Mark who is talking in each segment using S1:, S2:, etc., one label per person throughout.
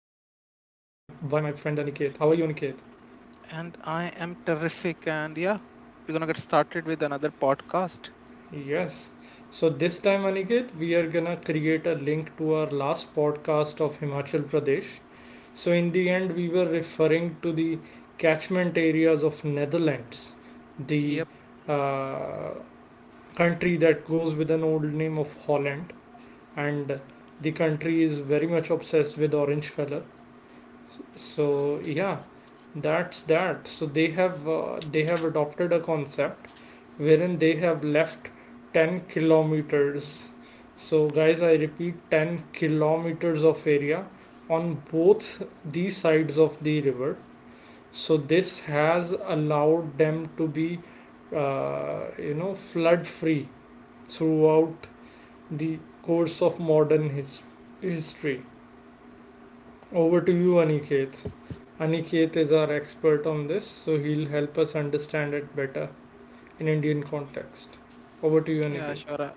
S1: friend Aniket. How are you, Aniket?
S2: And I am terrific. And yeah, we're gonna get started with another podcast.
S1: Yes. So, this time, Aniket, we are gonna create a link to our last podcast of Himachal Pradesh. So, in the end, we were referring to the catchment areas of Netherlands, the
S2: Yep.
S1: uh, country that goes with an old name of Holland, and the country is very much obsessed with orange color. So yeah, that's that. So they have adopted a concept wherein they have left 10 kilometers. So guys, I repeat, 10 kilometers of area on both these sides of the river. So this has allowed them to be, flood free throughout the course of modern history. Over to you, Aniket. Aniket is our expert on this, so he'll help us understand it better in Indian context. Over to you,
S2: Yeah,
S1: Aniket.
S2: sure. Uh,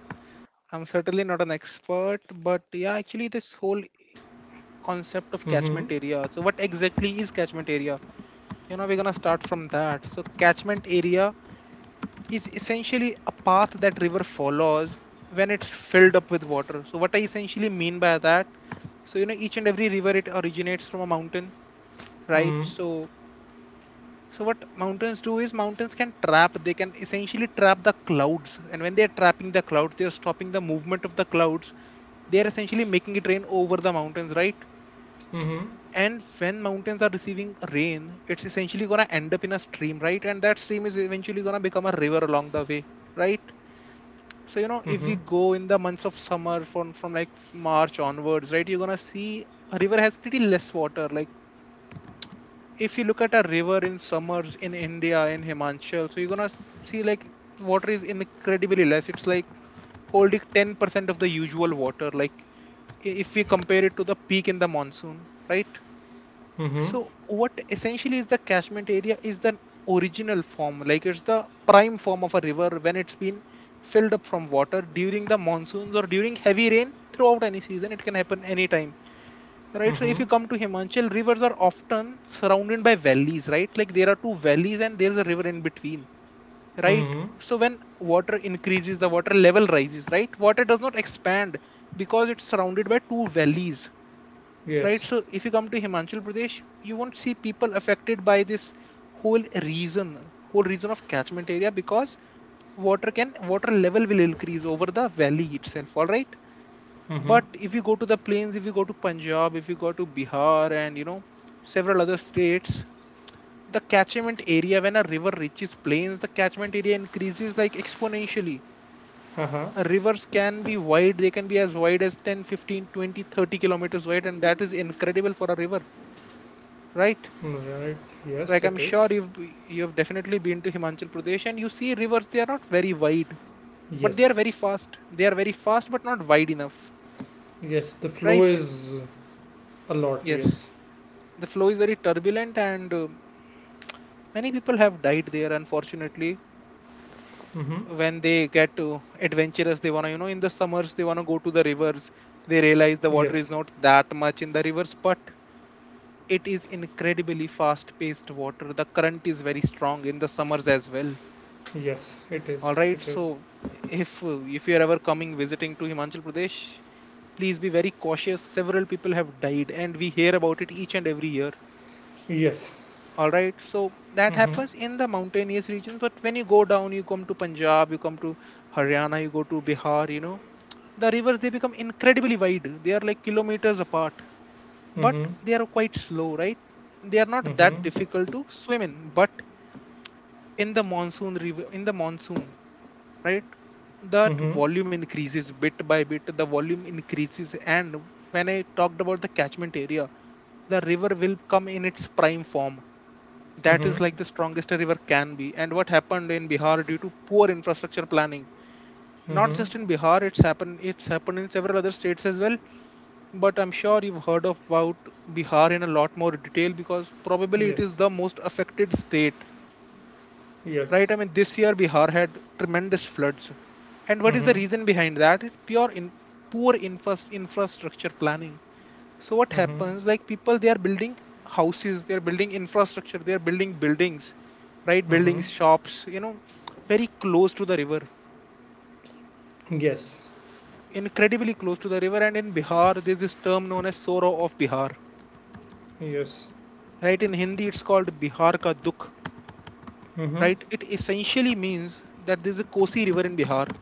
S2: I'm certainly not an expert, but yeah, actually, this whole concept of
S1: Mm-hmm.
S2: catchment area. So, what exactly is catchment area? We're gonna start from that. So, catchment area is essentially a path that river follows when it's filled up with water. So, what I essentially mean by that, each and every river it originates from a mountain, right?
S1: Mm-hmm.
S2: So what mountains do is mountains can trap. They can essentially trap the clouds, and when they are trapping the clouds, they are stopping the movement of the clouds. They are essentially making it rain over the mountains, right?
S1: Mm-hmm.
S2: And when mountains are receiving rain, it's essentially gonna end up in a stream, right? And that stream is eventually gonna become a river along the way, right? So you know, if we go in the months of summer from like March onwards, right, you're gonna see a river has pretty less water, like if you look at a river in summers in India in Himachal, so you're gonna see like water is incredibly less. It's like holding 10% of the usual water, like if we compare it to the peak in the monsoon, right?
S1: Mm-hmm. Mm-hmm.
S2: So what essentially is the catchment area is the original form, like it's the prime form of a river when it's been filled up from water during the monsoons or during heavy rain throughout any season. It can happen anytime. Right. So
S1: Mm-hmm.
S2: if you come to Himachal, rivers are often surrounded by valleys, right? Like there are two valleys and there's a river in between, right?
S1: Mm-hmm.
S2: So when water increases, the water level rises, right? Water does not expand because it's surrounded by two valleys, right?
S1: Yes.
S2: So if you come to Himachal Pradesh, you won't see people affected by this whole region of catchment area because water level will increase over the valley itself. All right.
S1: Mm-hmm.
S2: But if you go to the plains, if you go to Punjab, if you go to Bihar and you know several other states, the catchment area when a river reaches plains, the catchment area increases like exponentially.
S1: Uh-huh.
S2: Rivers can be wide, they can be as wide as 10, 15, 20, 30 kilometers wide, and that is incredible for a river, right?
S1: Right. Yes,
S2: Like I'm
S1: it
S2: sure
S1: is.
S2: you've definitely been to Himachal Pradesh and you see rivers, they are not very wide, but they are
S1: Yes.
S2: very fast. They are very fast but not wide enough,
S1: Yes. The flow
S2: right?
S1: is a lot.
S2: Yes,
S1: Yes.
S2: the flow is very turbulent and many people have died there, unfortunately,
S1: Mm-hmm.
S2: when they get adventurous. They want to, you know, in the summers they want to go to the rivers. They realize the water is
S1: Yes.
S2: not that much in the rivers, but it is incredibly fast paced water. The current is very strong in the summers as well.
S1: Yes. It
S2: All
S1: is.
S2: right,
S1: It
S2: so
S1: is.
S2: if if you are ever coming visiting to Himachal Pradesh, please be very cautious. Several people have died and we hear about it each and every year.
S1: Yes.
S2: All right, so that
S1: Mm-hmm.
S2: happens in the mountainous regions, but when you go down, you come to Punjab, you come to Haryana, you go to Bihar, you know, the rivers they become incredibly wide. They are like kilometers apart, but
S1: Mm-hmm.
S2: they are quite slow, right? They are not that
S1: Mm-hmm.
S2: difficult to swim in, but in the monsoon, right? That
S1: Mm-hmm.
S2: volume increases bit by bit, the volume increases, and when I talked about the catchment area, the river will come in its prime form, that
S1: Mm-hmm.
S2: is like the strongest a river can be. And what happened in Bihar due to poor infrastructure planning, not
S1: Mm-hmm.
S2: just in Bihar, it's happened in several other states as well. But I'm sure you've heard of about Bihar in a lot more detail because probably it is
S1: Yes.
S2: the most affected state, right?
S1: Yes.
S2: I mean, this year Bihar had tremendous floods. And what is the
S1: Mm-hmm.
S2: reason behind that? It's pure in poor infrastructure planning. So what
S1: Mm-hmm.
S2: happens? Like people, they are building houses, they are building infrastructure, they are building buildings, right?
S1: Mm-hmm.
S2: Buildings, shops, you know, very close to the river,
S1: Yes.
S2: incredibly close to the river. And in Bihar, there's this term known as Sorrow of Bihar,
S1: Yes.
S2: right? In Hindi, it's called Bihar ka Dukh,
S1: Mm-hmm.
S2: right? It essentially means that there's a Kosi River in Bihar,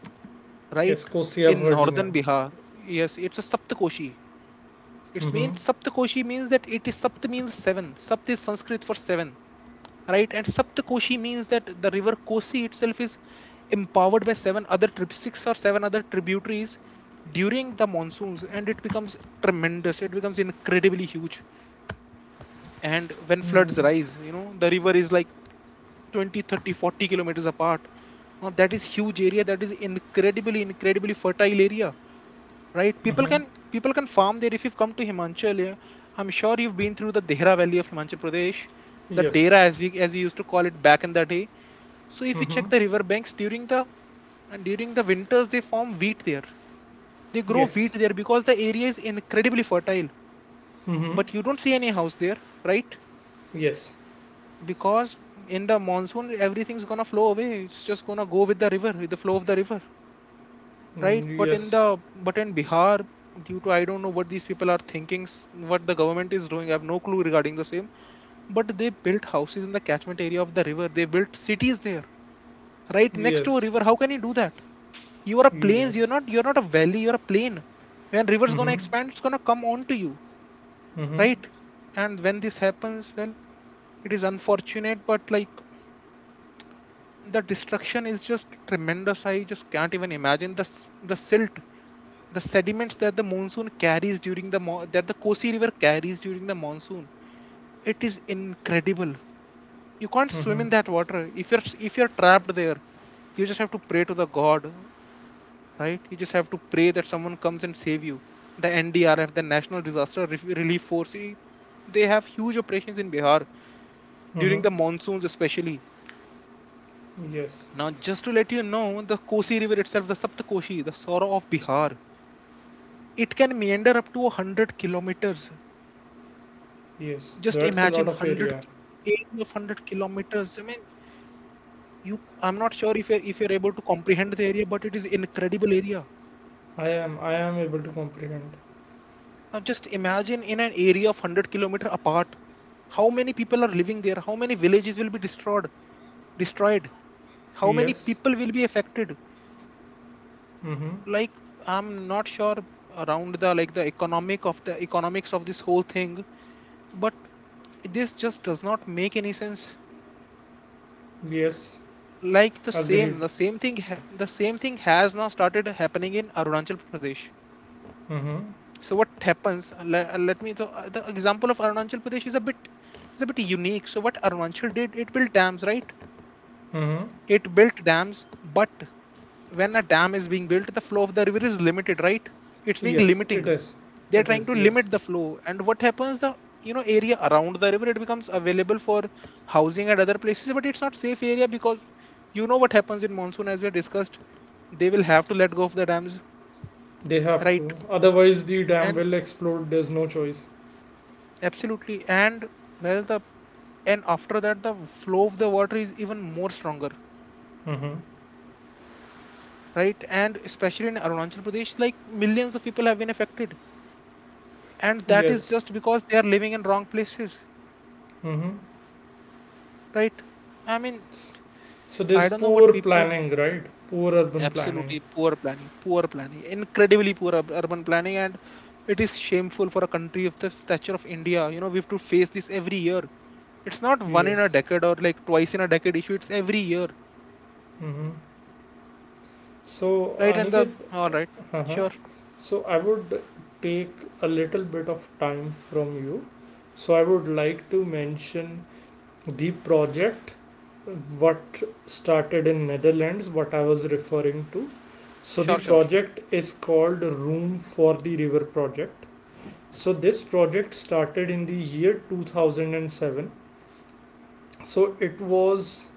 S2: right?
S1: Yes, I have heard Cosia
S2: In
S1: Verdinam.
S2: northern Bihar, yes, it's a Saptakoshi. It
S1: Mm-hmm.
S2: means Saptakoshi means that it is Sapt means seven. Sapt is Sanskrit for seven, right? And Saptakoshi means that the river Kosi itself is empowered by seven other trip six or seven other tributaries during the monsoons, and it becomes tremendous. It becomes incredibly huge. And when floods
S1: Mm-hmm.
S2: rise, you know, the river is like 20, 30, 40 kilometers apart. Now that is huge area. That is incredibly, incredibly fertile area, right? People
S1: Mm-hmm.
S2: can people can farm there if you've come to Himachal. Yeah? I'm sure you've been through the Dehra Valley of Himachal Pradesh, the
S1: Yes.
S2: Dehra, as we used to call it back in the day. So if you
S1: Mm-hmm.
S2: check the river banks during the and during the winters they form wheat there. They grow wheat
S1: Yes.
S2: there because the area is incredibly fertile. But you don't see any house there, right?
S1: Yes.
S2: Because in the monsoon everything's gonna flow away. It's just gonna go with the river, with the flow of the river.
S1: Mm,
S2: Right, but in the
S1: yes.
S2: but in Bihar, due to, I don't know what these people are thinking, what the government is doing, I have no clue regarding the same, but they built houses in the catchment area of the river. They built cities there, right next to a
S1: Yes.
S2: river. How can you do that? You are a plains,
S1: Yes.
S2: you're not a valley, you're a plain. When river's going to
S1: Mm-hmm.
S2: expand, it's going to come onto you,
S1: Mm-hmm.
S2: right? And when this happens, well, it is unfortunate, but like the destruction is just tremendous. I just can't even imagine the silt, the sediments that the monsoon carries that the Kosi River carries during the monsoon. It is incredible. You can't swim
S1: Mm-hmm.
S2: in that water. If you're trapped there, you just have to pray to the God, right? You just have to pray that someone comes and save you. The NDRF, the National Disaster Relief Force, they have huge operations in Bihar
S1: Mm-hmm.
S2: during the monsoons, especially.
S1: Yes.
S2: Now, just to let you know, the Kosi River itself, the Saptkoshi, the Sora of Bihar, it can meander up to 100 kilometers.
S1: Yes.
S2: Just
S1: That's a
S2: imagine
S1: lot of
S2: 100
S1: area.
S2: area of 100 kilometers. I mean, you I'm not sure if you're able to comprehend the area, but it is incredible area.
S1: I am able to comprehend.
S2: Now just imagine in an area of 100-kilometer apart, how many people are living there? How many villages will be destroyed? Destroyed? How many
S1: Yes.
S2: people will be affected?
S1: Mm-hmm.
S2: Like I'm not sure around the like the economics of this whole thing, but this just does not make any sense.
S1: Yes.
S2: Like the same
S1: Agreed.
S2: the same thing ha- the same thing has now started happening in Arunachal Pradesh.
S1: Mm-hmm.
S2: So what happens? Let me, so the example of Arunachal Pradesh is a bit unique so what Arunachal did, it built dams, right?
S1: Mm-hmm.
S2: It built dams, but when a dam is being built, the flow of the river is limited, right? It's being
S1: Yes,
S2: limiting.
S1: it is.
S2: They're
S1: It
S2: trying to
S1: is, yes.
S2: limit the flow. And what happens? The, you know, area around the river it becomes available for housing and other places, but it's not safe area because you know what happens in monsoon as we discussed. They will have to let go of the dams,
S1: They have
S2: right?
S1: to. Otherwise, the dam
S2: And
S1: will explode. There's no choice.
S2: absolutely, and well the and after that the flow of the water is even more stronger,
S1: Mm-hmm.
S2: right? And especially in Arunachal Pradesh, like millions of people have been affected, and that is
S1: Yes.
S2: just because they are living in wrong places,
S1: Mm-hmm.
S2: right? I mean
S1: S- So
S2: I
S1: there's
S2: don't know what
S1: poor
S2: people
S1: planning, right? Poor urban planning.
S2: absolutely poor planning, poor planning, incredibly poor urban planning. And it is shameful for a country of the stature of India. You know, we have to face this every year. It's not one in a
S1: Yes.
S2: decade or like twice in a decade issue, it's every year.
S1: Mm-hmm. So,
S2: Right and the
S1: Aniket,
S2: All right.
S1: uh-huh,
S2: sure
S1: so I would take a little bit of time from you. So I would like to mention the project what started in Netherlands, what I was referring to. So the
S2: sure sure
S1: project is called Room for the River project. So this project started in the year 2007. So it was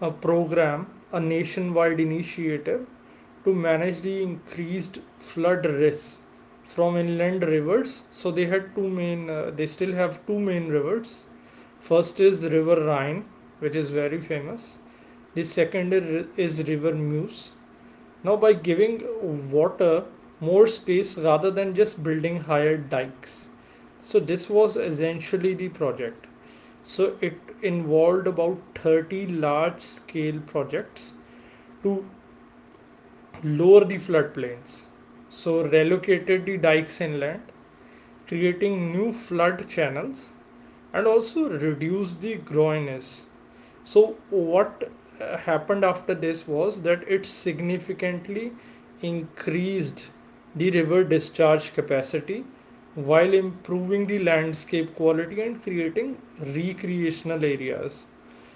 S1: a program, a nationwide initiative to manage the increased flood risks from inland rivers. So they had they still have two main rivers. First is River Rhine, which is very famous. The second is River Muse. Now, by giving water more space rather than just building higher dikes. So, this was essentially the project. So, it involved about 30 large scale projects to lower the floodplains. So, relocated the dikes inland, creating new flood channels, and also reduce the groinage. So, what happened after this was that it significantly increased the river discharge capacity while improving the landscape quality and creating recreational areas.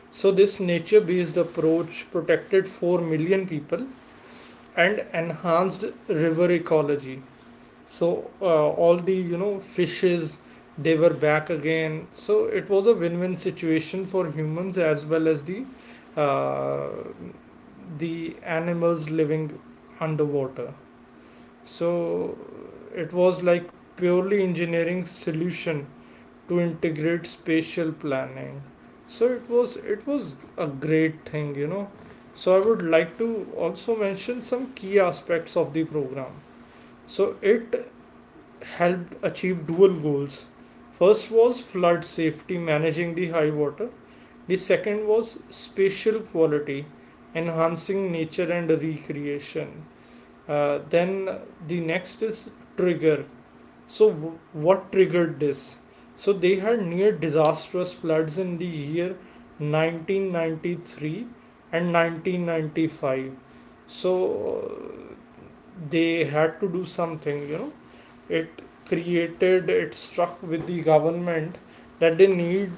S1: So, this nature based approach protected 4 million people and enhanced river ecology. So, all the, fishes, they were back again. So it was a win-win situation for humans as well as uh, the animals living underwater. So it was like purely engineering solution to integrate spatial planning. So it was a great thing. So I would like to also mention some key aspects of the program. So it helped achieve dual goals. First was flood safety, managing the high water. The second was spatial quality, enhancing nature and recreation. Then the next is trigger. So, what triggered this? So, they had near disastrous floods in the year 1993 and 1995. So, uh, they had to do something. You know it created it struck with the government that they need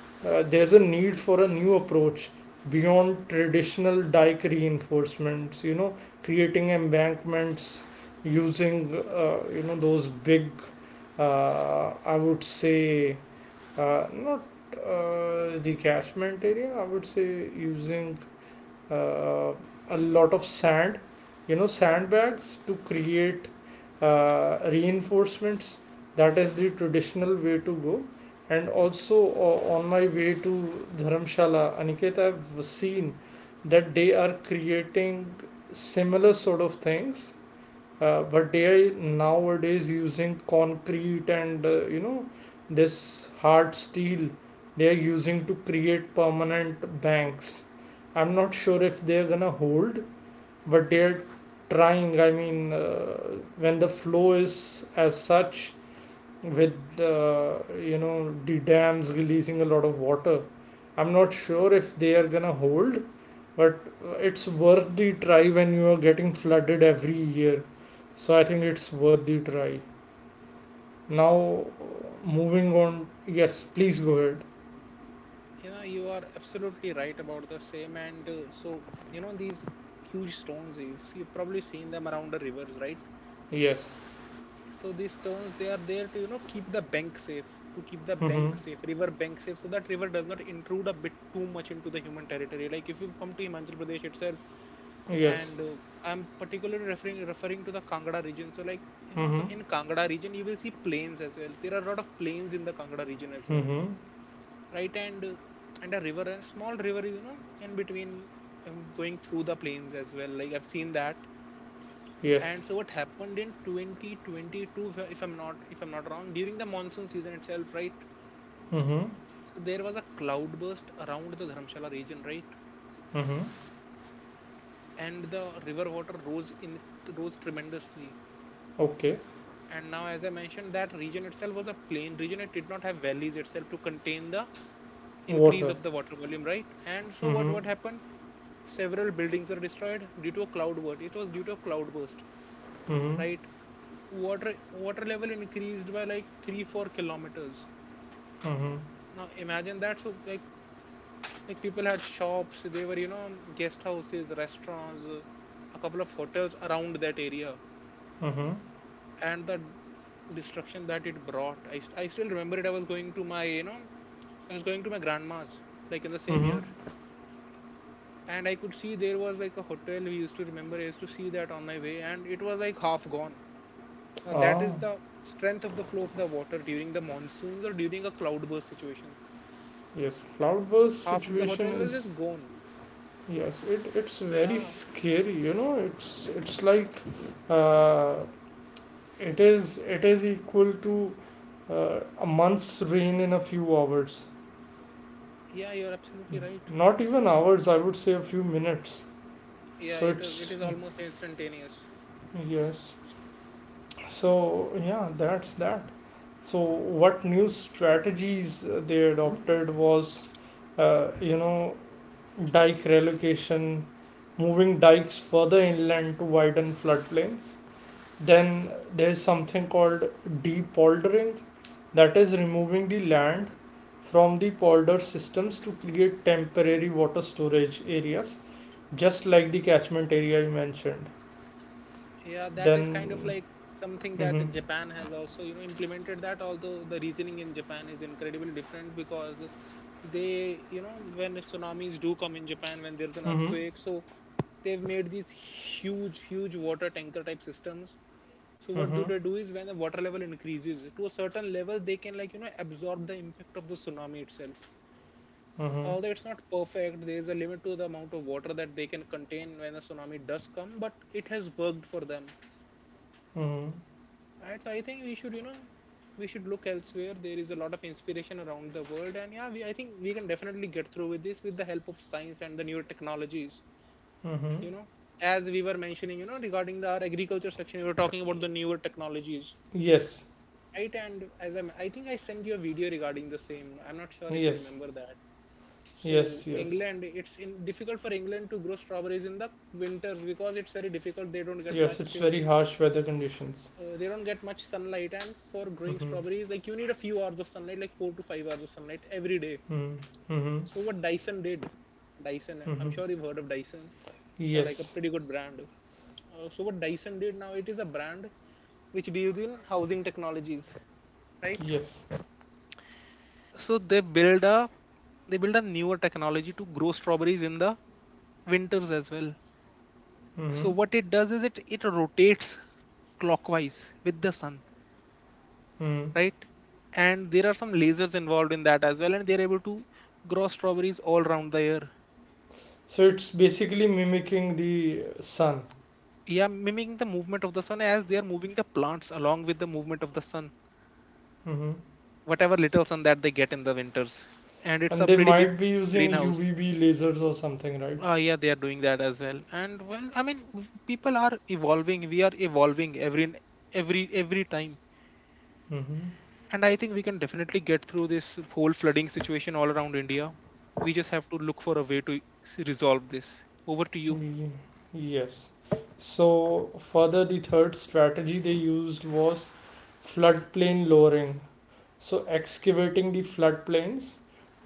S1: there's a need for a new approach beyond traditional dike reinforcements, creating embankments, using, those big, I would say, not, the catchment area, I would say, using, uh, a lot of sand, sandbags to create reinforcements. That is the traditional way to go. And also, on my way to Dharamshala, Aniket, I've seen that they are creating similar sort of things, but AI nowadays using concrete and, this hard steel they are using to create permanent banks. I'm not sure if they're gonna hold, but they're trying. I mean, when the flow is as such, with, the dams releasing a lot of water, I'm not sure if they are gonna hold, but it's worth the try when you are getting flooded every year. So I think it's worth the try. Now, moving on. Yes, please go ahead.
S2: You know, you are absolutely right about the same. And so, you know, these huge stones, see, you've probably seen them around the rivers, right?
S1: Yes.
S2: So these stones, they are there to, you know, keep the bank safe, to keep the bank
S1: Mm-hmm.
S2: safe river bank safe, so that river does not intrude a bit too much into the human territory. Like if you come to Himachal Pradesh itself.
S1: Yes.
S2: And I'm particularly referring to the Kangra region. So, like, you know, so
S1: Mm-hmm.
S2: in Kangra region you will see plains as well. There are a lot of plains in the Kangra region as well,
S1: Mm-hmm.
S2: right? And and a river, a small river, you know, in between, going through the plains as well, like I've seen that.
S1: Yes.
S2: And so what happened in 2022, if I'm not, if I'm not wrong, during the monsoon season itself, right?
S1: Mm-hmm.
S2: So there was a cloudburst around the Dharamshala region, right?
S1: Mm-hmm.
S2: And the river water rose tremendously.
S1: Okay.
S2: And now, as I mentioned, that region itself was a plain region, it did not have valleys itself to contain the increase
S1: Water.
S2: of the water volume, right? And so what
S1: Mm-hmm.
S2: what happened, several buildings were destroyed due to a cloudburst. It was due to a cloudburst,
S1: Mm-hmm.
S2: right? Water level increased by like 3 4 kilometers.
S1: Mm-hmm.
S2: Now imagine that. So like people had shops, they were, you know, guest houses, restaurants, a couple of hotels around that area.
S1: Mm-hmm.
S2: And the destruction that it brought, I still remember it. I was going to my, you know, I was going to my grandma's, like in the same
S1: Mm-hmm.
S2: year, and I could see there was like a hotel we used to see that on my way, and it was like half gone. Now that
S1: Ah,
S2: is the strength of the flow of the water during the monsoons or during a cloudburst situation.
S1: yes, cloudburst
S2: Half of the
S1: situation
S2: hotel was
S1: is...
S2: just gone.
S1: Yes, it's
S2: So
S1: very
S2: yeah,
S1: scary, it's like, uh, it is equal to a month's rain in a few hours.
S2: yeah, you're absolutely right.
S1: Not even hours, I would say a few minutes.
S2: Yeah,
S1: So
S2: it is, it
S1: it's...
S2: is almost instantaneous.
S1: Yes. So yeah, that's that. So what new strategies they adopted was, uh, you know, dike relocation, moving dikes further inland to widen floodplains. Then there's something called depoldering, that is removing the land from the polder systems to create temporary water storage areas, just like the catchment area you mentioned.
S2: Yeah, that is kind of
S1: Then,
S2: like something
S1: hmm.
S2: that Japan has also, you know, implemented that, although the reasoning in Japan is incredibly different because they, you know, when tsunamis do come in Japan, when there's an
S1: Hmm.
S2: earthquake, so they've made these huge, huge water tanker type systems. So what do
S1: Hmm.
S2: they do is when the water level increases to a certain level, they can, like, you know, absorb the impact of the tsunami itself.
S1: Hmm.
S2: Although it's not perfect, there is a limit to the amount of water that they can contain when the tsunami does come, but it has worked for them.
S1: Hmm.
S2: Right? So I think we should, you know, we should look elsewhere. There is a lot of inspiration around the world, and yeah, I think we can definitely get through with this with the help of science and the newer technologies.
S1: Hmm.
S2: You know, as we were mentioning, you know, regarding the our agriculture section, we were talking about the newer technologies,
S1: Yes.
S2: right? And as I think I sent you a video regarding the same, I'm not sure if you
S1: Yes.
S2: remember that. So
S1: yes, yes,
S2: England, difficult for England to grow strawberries in the winters, because it's very difficult. They don't get
S1: yes.
S2: much
S1: It's very harsh weather conditions.
S2: they don't get much sunlight. And for growing
S1: Hmm
S2: strawberries, like, you need a few hours of sunlight, like 4 to 5 hours of sunlight every day.
S1: hmm hmm
S2: So what Dyson did, Dyson, I'm
S1: hmm
S2: sure you've heard of Dyson. So, like, a
S1: Yes,
S2: pretty good brand. So what Dyson did, now it is a brand which deals in housing technologies, right?
S1: yes.
S2: So they build a, they build a newer technology to grow strawberries in the winters as well. So
S1: Hmm.
S2: what it does is, it rotates clockwise with the sun,
S1: Hmm.
S2: right? And there are some lasers involved in that as well, and they're able to grow strawberries all around the year.
S1: So it's basically mimicking the sun.
S2: Yeah, mimicking the movement of the sun, as they are moving the plants along with the movement of the sun,
S1: Hmm.
S2: whatever little sun that they get in the winters. And it's
S1: And
S2: a
S1: they
S2: pretty big
S1: might be using
S2: greenhouse.
S1: UVB lasers or something, right?
S2: Yeah, they are doing that as well. And, well, I mean, people are evolving. We are evolving every time.
S1: Mm-hmm.
S2: And I think we can definitely get through this whole flooding situation all around India. We just have to look for a way to resolve this. Over to you.
S1: Yes. So further, the third strategy they used was floodplain lowering. So excavating the floodplains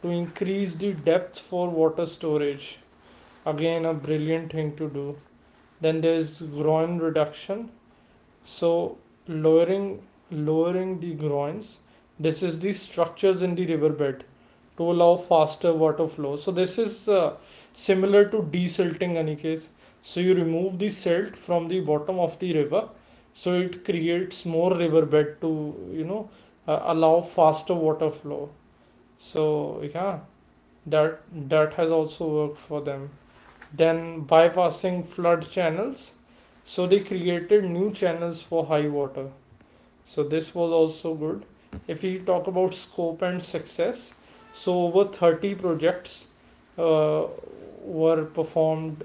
S1: to increase the depth for water storage. Again, a brilliant thing to do. Then there's groin reduction. So lowering lowering the groins. This is the structures in the riverbed to allow faster water flow. So this is similar to desilting, Aniket. So you remove the silt from the bottom of the river. So it creates more riverbed to, allow faster water flow. So yeah, that that has also worked for them. Then bypassing flood channels. So they created new channels for high water. So this was also good. If we talk about scope and success, so over 30 projects uh, were performed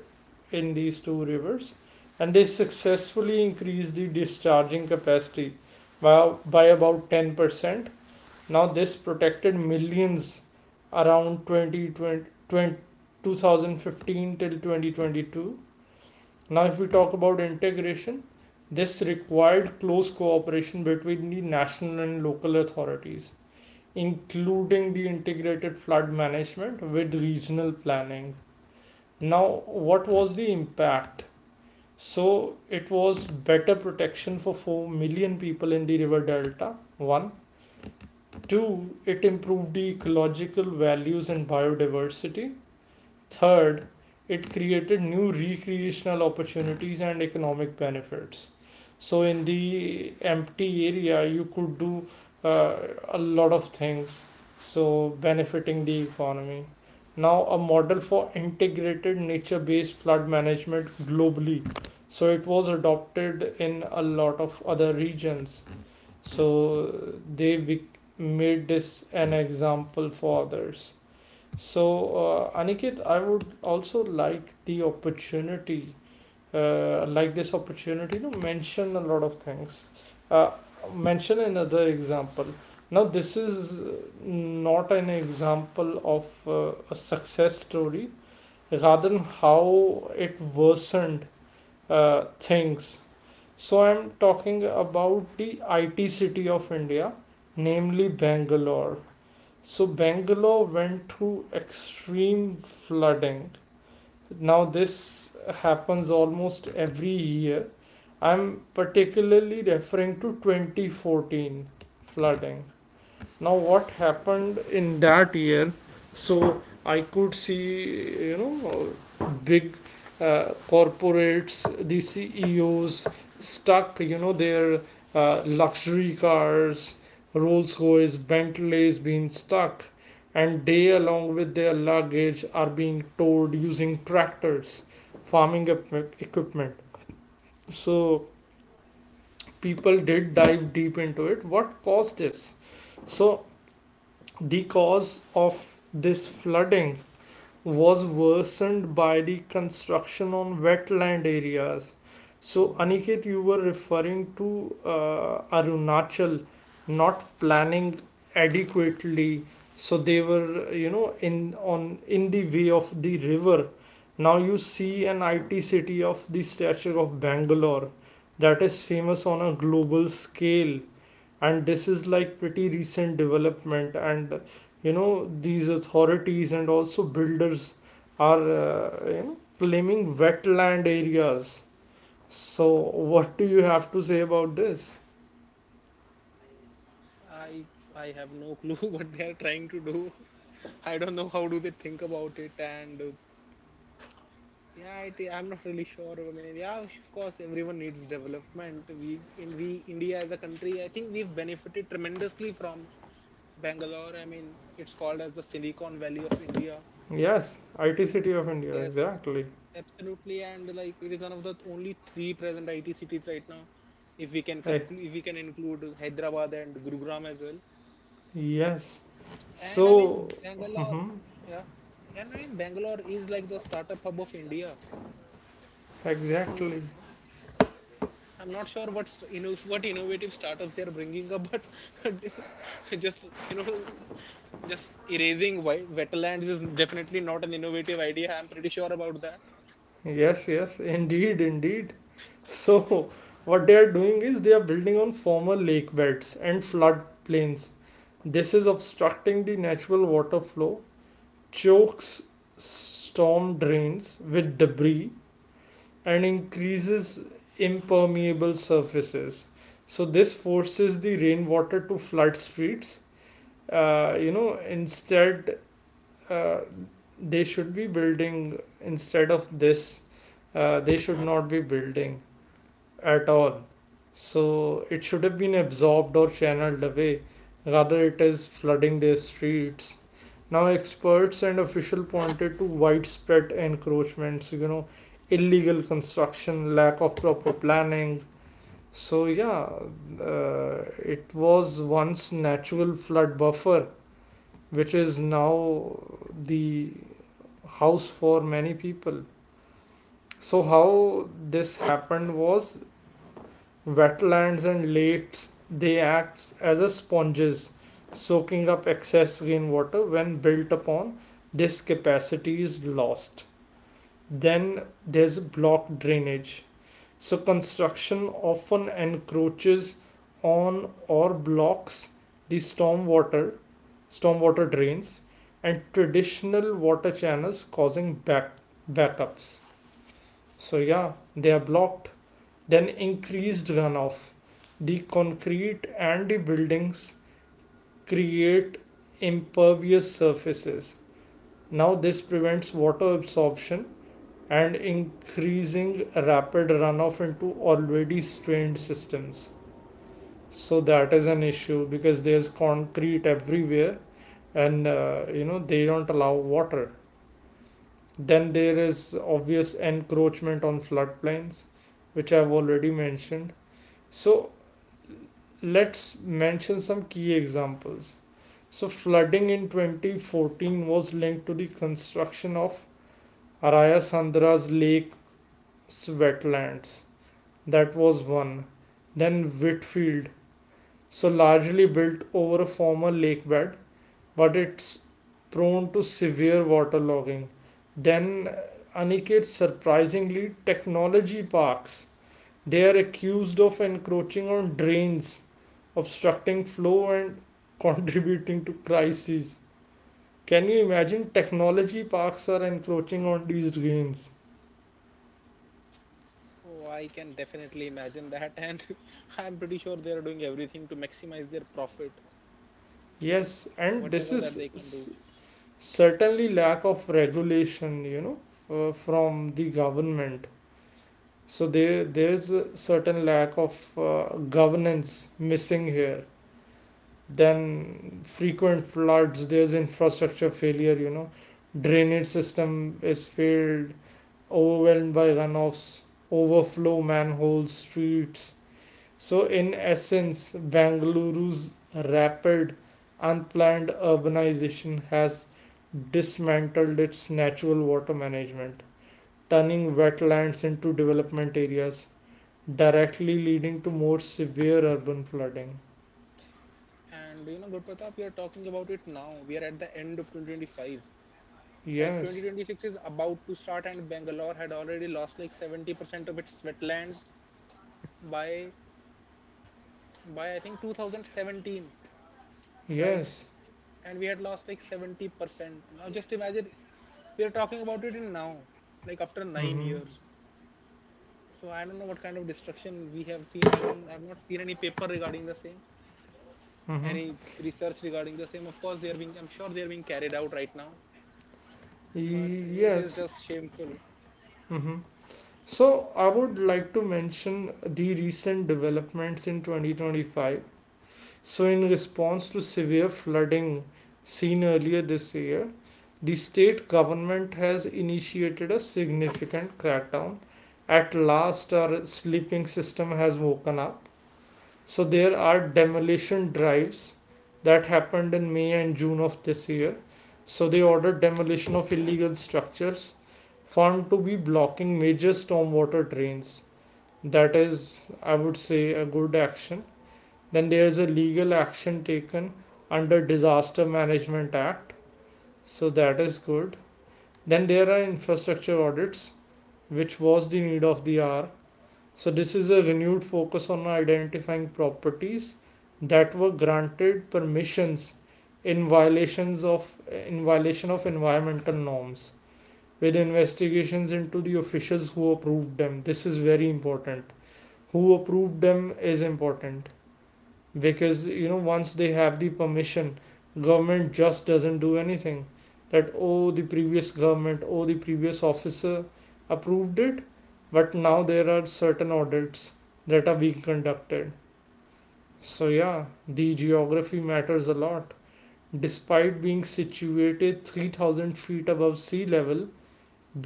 S1: in these two rivers, and they successfully increased the discharging capacity by about 10%. Now this protected millions around 2015 till 2022. Now, if we talk about integration, this required close cooperation between the national and local authorities, including the integrated flood management with regional planning. Now, what was the impact? So, it was better protection for 4 million people in the river delta. One, two, it improved the ecological values and biodiversity. Third, it created new recreational opportunities and economic benefits. So, in the empty area, you could do uh, a lot of things, so benefiting the economy. Now, a model for integrated nature based flood management globally. So, it was adopted in a lot of other regions. So, they made this an example for others. So, Aniket, I would also like like this opportunity to mention a lot of things. Uh, Mention another example. Now, this is not an example of a success story, rather than how it worsened things. So, I'm talking about the IT city of India, namely Bangalore. So Bangalore went through extreme flooding. Now this happens almost every year. I'm particularly referring to 2014 flooding. Now what happened in that year? So I could see, big, uh, corporates, the CEOs stuck, their luxury cars, Rolls Royce, Bentleys being stuck, and they along with their luggage are being towed using tractors, farming equipment. So people did dive deep into it. What caused this? So the cause of this flooding was worsened by the construction on wetland areas. So, Aniket, you were referring to Arunachal not planning adequately. So they were, in the way of the river. Now you see an IT city of the stature of Bangalore that is famous on a global scale, and this is like pretty recent development, and, these authorities and also builders are, claiming wetland areas. So what do you have to say about this?
S2: I I have no clue what they are trying to do. I don't know how do they think about it. And yeah, I I'm not really sure. I mean, yeah, of course, everyone needs development. We India, as a country, I think we've benefited tremendously from Bangalore. I mean, it's called as the Silicon Valley of India.
S1: Yes, IT city of India,
S2: Yes,
S1: exactly.
S2: absolutely. And like it is one of the only three present IT cities right now. If we can
S1: Hey,
S2: include Hyderabad and Gurugram as well.
S1: yes.
S2: And I mean,
S1: So,
S2: Bangalore,
S1: mhm,
S2: yeah. And I mean, Bangalore is like the startup hub of India. And
S1: exactly.
S2: I'm not sure what's, you know, what innovative startups they're bringing up, but just, you know, just erasing wetlands is definitely not an innovative idea. I'm pretty sure about that.
S1: Yes, yes, indeed, indeed. So what they are doing is they are building on former lake beds and flood plains. This is obstructing the natural water flow, chokes storm drains with debris, and increases impermeable surfaces. So, this forces the rainwater to flood streets. Instead, uh, they should be building, instead of this, they should not be building at all. So it should have been absorbed or channeled away. Rather, it is flooding their streets. Now, experts and officials pointed to widespread encroachments, illegal construction, lack of proper planning. So, yeah, it was once natural flood buffer, which is now the house for many people. So, how this happened was... Wetlands and lakes, they act as a sponges, soaking up excess rainwater. When built upon, this capacity is lost. Then there's block drainage. So construction often encroaches on or blocks the stormwater drains and traditional water channels causing backups. So yeah, they are blocked, then increased runoff. The concrete and the buildings create impervious surfaces. Now, this prevents water absorption and increasing rapid runoff into already strained systems. So that is an issue because there's concrete everywhere and they don't allow water. Then there is obvious encroachment on floodplains, which I've already mentioned. So, Let's mention some key examples. So, flooding in 2014 was linked to the construction of Araya Sandra's lake wetlands. That was one. Then Whitfield, so largely built over a former lake bed, but it's prone to severe waterlogging. Then Aniket, surprisingly, technology parks. They are accused of encroaching on drains, obstructing flow and contributing to crises. Can you imagine technology parks are encroaching on these drains?
S2: Oh, I can definitely imagine that, and I'm pretty sure they are doing everything to maximize their profit,
S1: Yes, and
S2: whatever that they can do.
S1: certainly lack of regulation, from the government. So there's a certain lack of governance missing here. Then frequent floods, there's infrastructure failure, drainage system is failed, overwhelmed by runoffs, overflow manhole streets. So, in essence, Bengaluru's rapid, unplanned urbanization has dismantled its natural water management, turning wetlands into development areas, directly leading to more severe urban flooding.
S2: And, you know, Good Pratap, we are talking about it now. We are at the end of 2025. Like
S1: Yes,
S2: 2026 is about to start, and Bangalore had already lost like 70% of its wetlands by by I think 2017, right?
S1: yes,
S2: And we had lost like 70%. Now just imagine, we are talking about it in now, like after nine
S1: mm-hmm,
S2: years. So I don't know what kind of destruction we have seen. I've not seen any paper regarding the same,
S1: mm-hmm,
S2: any research regarding the same. Of course, I'm sure they are being carried out right now, but it is
S1: yes,
S2: just shameful.
S1: mm-hmm. So, I would like to mention the recent developments in 2025. So, in response to severe flooding seen earlier this year, the state government has initiated a significant crackdown. At last, our sleeping system has woken up. So, there are demolition drives that happened in May and June of this year. So, they ordered demolition of illegal structures found to be blocking major stormwater drains. That is, I would say, a good action. Then there is a legal action taken under Disaster Management Act, so that is good. Then there are infrastructure audits, which was the need of the hour. So this is a renewed focus on identifying properties that were granted permissions in violation of environmental norms, with investigations into the officials who approved them. This is very important. Who approved them is important, because once they have the permission, government just doesn't do anything, that oh, the previous government, oh, the previous officer approved it. But now there are certain audits that are being conducted. So yeah, the geography matters a lot. Despite being situated 3,000 feet above sea level,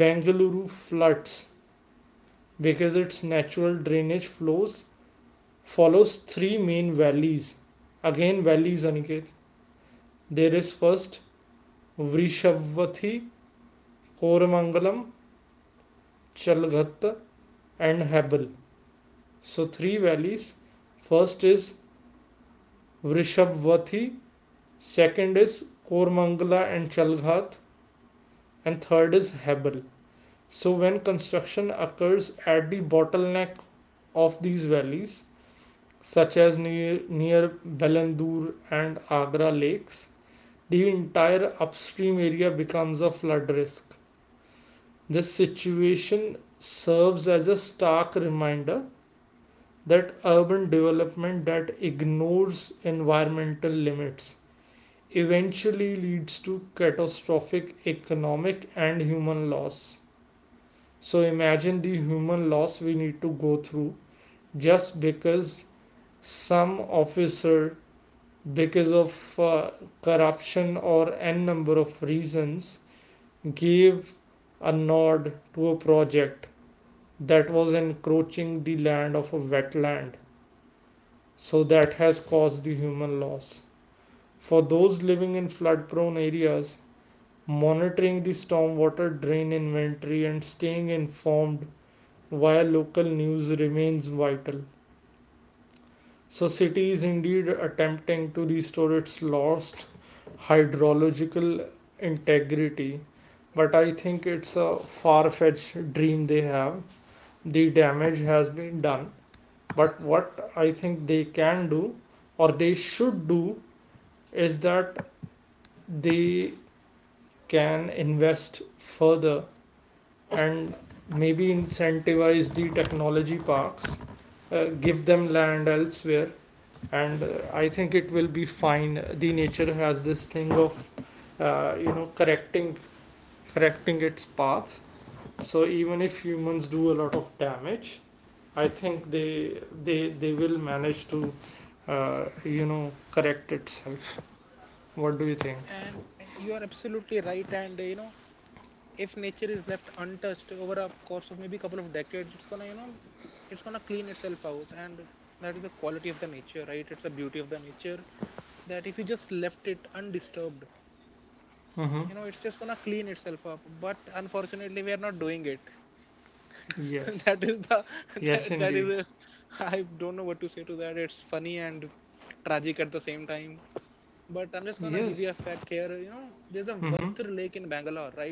S1: Bengaluru floods because its natural drainage flows follows three main valleys. Again, valleys, Aniket. There is first Vrishabvathi, Koramangalam, Chalghatta, and Hebel. So, three valleys. First is Vrishabvathi, second is Kormangala and Chalghat, and third is Hebel. So, when construction occurs at the bottleneck of these valleys, such as near Belandur and Agra lakes, the entire upstream area becomes a flood risk. This situation serves as a stark reminder that urban development that ignores environmental limits eventually leads to catastrophic economic and human loss. So imagine the human loss we need to go through just because some officer, because of corruption or n number of reasons, gave a nod to a project that was encroaching the land of a wetland, so that has caused the human loss. For those living in flood prone areas, monitoring the stormwater drain inventory and staying informed via local news remains vital. So, city is indeed attempting to restore its lost hydrological integrity, but I think it's a far fetched dream they have. The damage has been done, but what I think they can do or they should do is that they can invest further and maybe incentivize the technology parks, give them land elsewhere, and I think it will be fine. The nature has this thing of uh, you know correcting correcting its path. So even if humans do a lot of damage, I think they will manage to correct itself. What do you
S2: And
S1: think?
S2: you are absolutely right. And, you know, if nature is left untouched over a course of maybe a couple of decades, it's gonna, you know, it's gonna clean itself out. And that is the quality of the nature, right? It's the beauty of the nature, that if you just left it undisturbed, you
S1: Mm-hmm,
S2: know, it's just gonna clean itself up. But unfortunately, we are not doing it. That
S1: yes,
S2: is the
S1: yes
S2: that is
S1: indeed,
S2: a, I don't know what to say to that. It's funny and tragic at the same time. But I'm just gonna give you a
S1: yes,
S2: fact here. You know, there's a
S1: mm-hmm.
S2: Varthur Lake in Bangalore, right?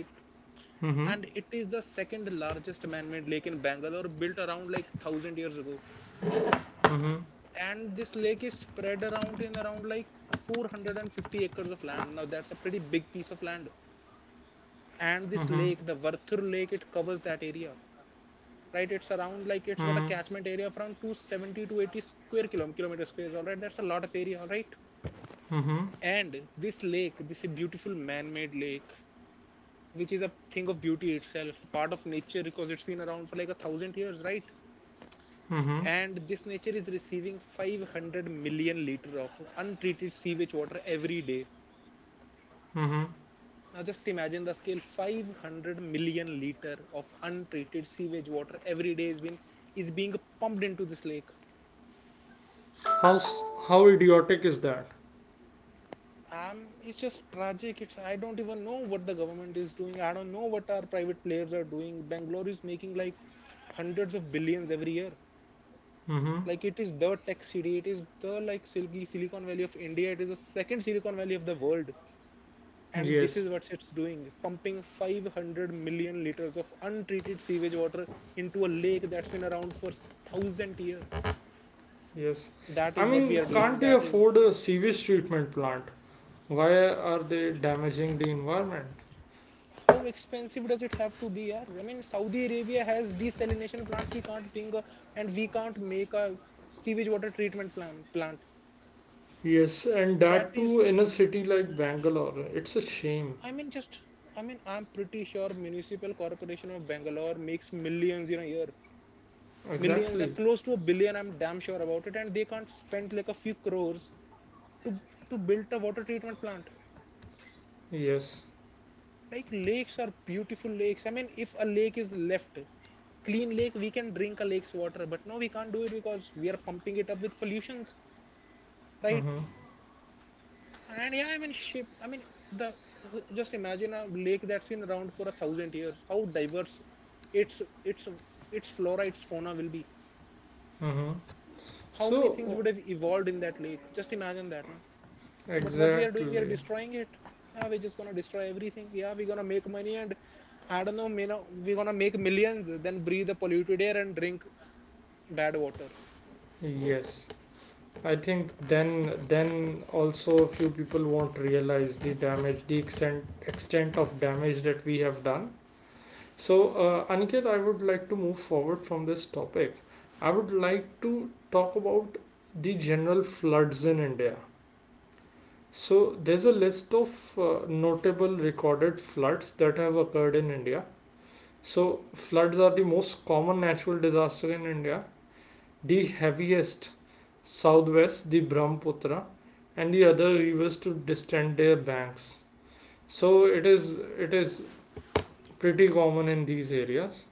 S1: Mm-hmm.
S2: And it is the second largest man-made lake in Bangalore, built around like 1000 years ago.
S1: Mm-hmm.
S2: And this lake is spread around in around like 450 acres of land. Now that's a pretty big piece of land. And this
S1: Mm-hmm.
S2: lake, the Varthur Lake, it covers that area, right? It's around like, it's got a
S1: Mm-hmm.
S2: catchment area of around 270 to 80 square kilometer squares, all right? That's a lot of area, all right?
S1: Mm-hmm.
S2: And this lake, this beautiful man-made lake, which is a thing of beauty itself, part of nature, because it's been around for like a thousand years, right?
S1: Mm-hmm.
S2: And this nature is receiving 500 million liter of untreated sewage water every day.
S1: Mm-hmm.
S2: Now just imagine the scale. 500 million liter of untreated sewage water every day is being, is being pumped into this lake.
S1: How, how idiotic is that?
S2: It's just tragic. It's, I don't even know what the government is doing. I don't know what our private players are doing. Bangalore is making like hundreds of billions every year.
S1: Mm-hmm,
S2: Like it is the tech city, it is the, like, Silicon Valley of India, it is the second Silicon Valley of the world. And this is
S1: yes,
S2: what it's doing, pumping 500 million liters of untreated sewage water into a lake that's been around for thousand years.
S1: yes.
S2: That is
S1: I
S2: what we
S1: mean,
S2: are doing.
S1: can't
S2: That
S1: they
S2: is
S1: afford a sewage treatment plant? Why are they damaging the environment?
S2: how expensive does it have to be. Yeah, I mean, Saudi Arabia has desalination plants, we can't think, a, and we can't make a sewage water treatment plant.
S1: Yes, and
S2: That
S1: that
S2: is,
S1: too in a city like Bangalore, it's a
S2: I
S1: shame.
S2: mean, just, I mean, I'm pretty sure Municipal Corporation of Bangalore makes millions in a year, millions,
S1: Exactly,
S2: close to a billion. I'm damn sure about it, and they can't spend like a few crores to to build a water treatment plant.
S1: yes.
S2: Like lakes are beautiful lakes. I mean, if a lake is left clean lake, we can drink a lake's water. But no, we can't do it because we are pumping it up with pollutions, right?
S1: Mm-hmm.
S2: And yeah, I mean, ship. I mean, the, just imagine a lake that's been around for a thousand years. How diverse its its flora, its fauna will be.
S1: Mm-hmm.
S2: How many
S1: So
S2: things would have
S1: oh,
S2: evolved in that lake? Just imagine that, no? But what we are doing, we are
S1: exactly.
S2: destroying it. Yeah, we're just gonna destroy everything. Yeah, we're gonna make money and I don't know, we're gonna make millions, then breathe the polluted air and drink bad water.
S1: Yes. I think then also a few people won't realize the damage, the extent of damage that we have done. So Aniket, I would like to move forward from this topic. I would like to talk about the general floods in India. So there's a list of notable recorded floods that have occurred in India. So floods are the most common natural disaster in India. The heaviest southwest, the Brahmaputra, and the other rivers to distend their banks. So it is pretty common in these areas.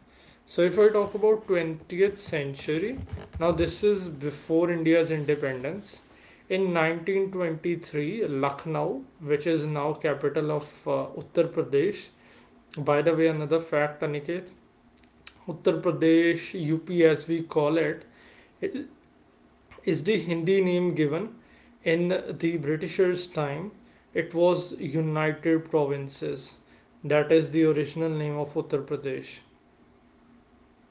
S1: So if I talk about 20th century, now this is before India's independence. In 1923, Lucknow, which is now capital of Uttar Pradesh, by the way, another fact, Aniket, Uttar Pradesh, UP as we call it, is the Hindi name given. In the Britishers' time, it was United Provinces. That is the original name of Uttar Pradesh,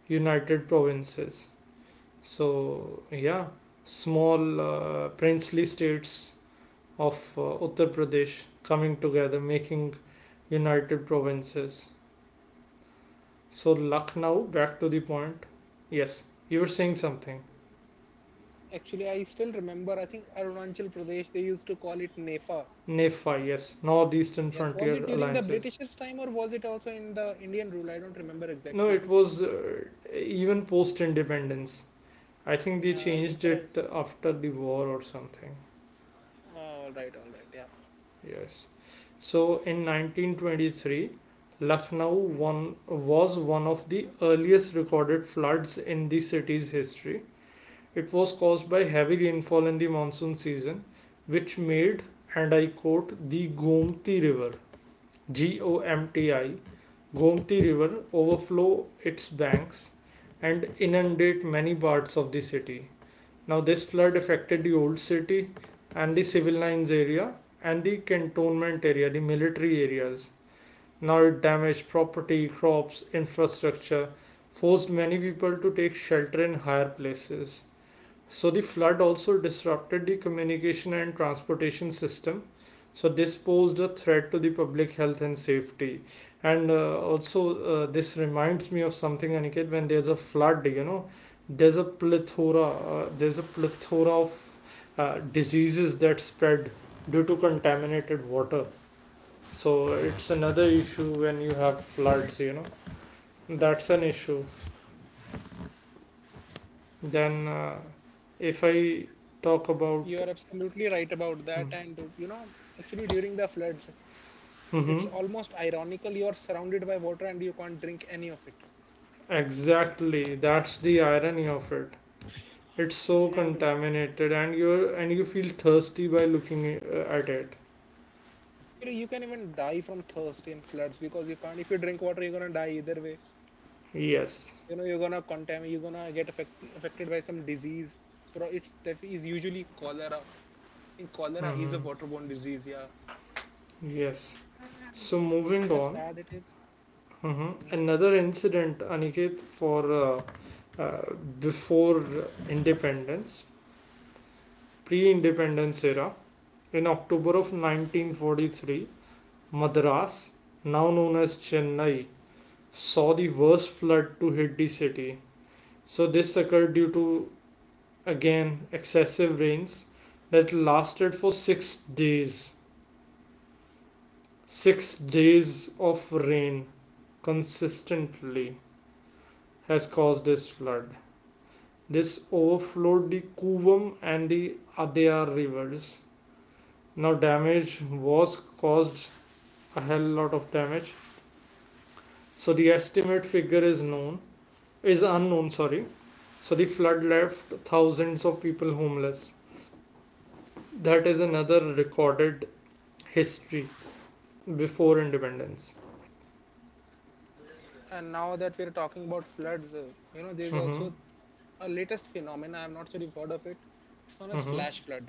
S1: United Provinces. So, yeah, small princely states of Uttar Pradesh coming together, making United Provinces. So, Lucknow, back to the point. Yes, you were saying something.
S2: Actually, I still remember, I think Arunachal Pradesh, they used to call it NEFA.
S1: NEFA, yes, Northeastern
S2: Yes, was it
S1: Frontier
S2: during the
S1: Alliances.
S2: Britishers' time or was it also in the Indian rule? I don't remember
S1: No,
S2: exactly.
S1: it was even post independence. I think they
S2: I think for
S1: changed
S2: a—
S1: it after the war or something.
S2: all right, all right, yeah.
S1: Yes. So in 1923, Lucknow one, was one of the earliest recorded floods in the city's history. It was caused by heavy rainfall in the monsoon season, which made, and I quote, the Gomti River GOMTI, Gomti River overflow its banks and inundate many parts of the city. Now, this flood affected the old city and the civil lines area and the cantonment area, the military areas. Now, it damaged property, crops, infrastructure, forced many people to take shelter in higher places. So the flood also disrupted the communication and transportation system. So this posed a threat to the public health and safety. And also, this reminds me of something, Aniket. When there's a flood, there's a plethora of diseases that spread due to contaminated water. So it's another issue when you have floods. That's an issue. Then, if I talk
S2: You are
S1: about,
S2: absolutely right about that. And you know actually during the floods, it's
S1: mm-hmm.
S2: almost ironical, you are surrounded by water and you can't drink any of it.
S1: Exactly, that's the irony of it. It's so
S2: And
S1: contaminated, and you feel thirsty by looking at it.
S2: actually you can even die from thirst in floods, because you can't— if you drink water you're gonna die either way.
S1: Yes.
S2: You know, you're gonna contaminate, you're gonna get affected by some disease. It's is usually cholera. In Cholera is a
S1: Hmm.
S2: waterborne disease, yeah.
S1: Yes. So
S2: And
S1: moving
S2: that's
S1: on.
S2: sad, it is.
S1: Hmm. Another incident, Aniket, for uh, before independence, pre-independence era, in October of 1943, Madras, now known as Chennai, saw the worst flood to hit the city. So this occurred due to again excessive rains that lasted for 6 days. 6 days of rain consistently has caused this flood. This overflowed the Kuvam and the Adyar rivers. Now, damage was caused, a hell lot of damage. So, the estimate figure is known, is unknown, sorry. So, the flood left thousands of people homeless. That is another recorded history before independence.
S2: And now that we're talking about floods, there's
S1: Mm-hmm.
S2: also a latest phenomenon. I'm not sure you've heard of it. It's known as
S1: Mm-hmm.
S2: flash flood.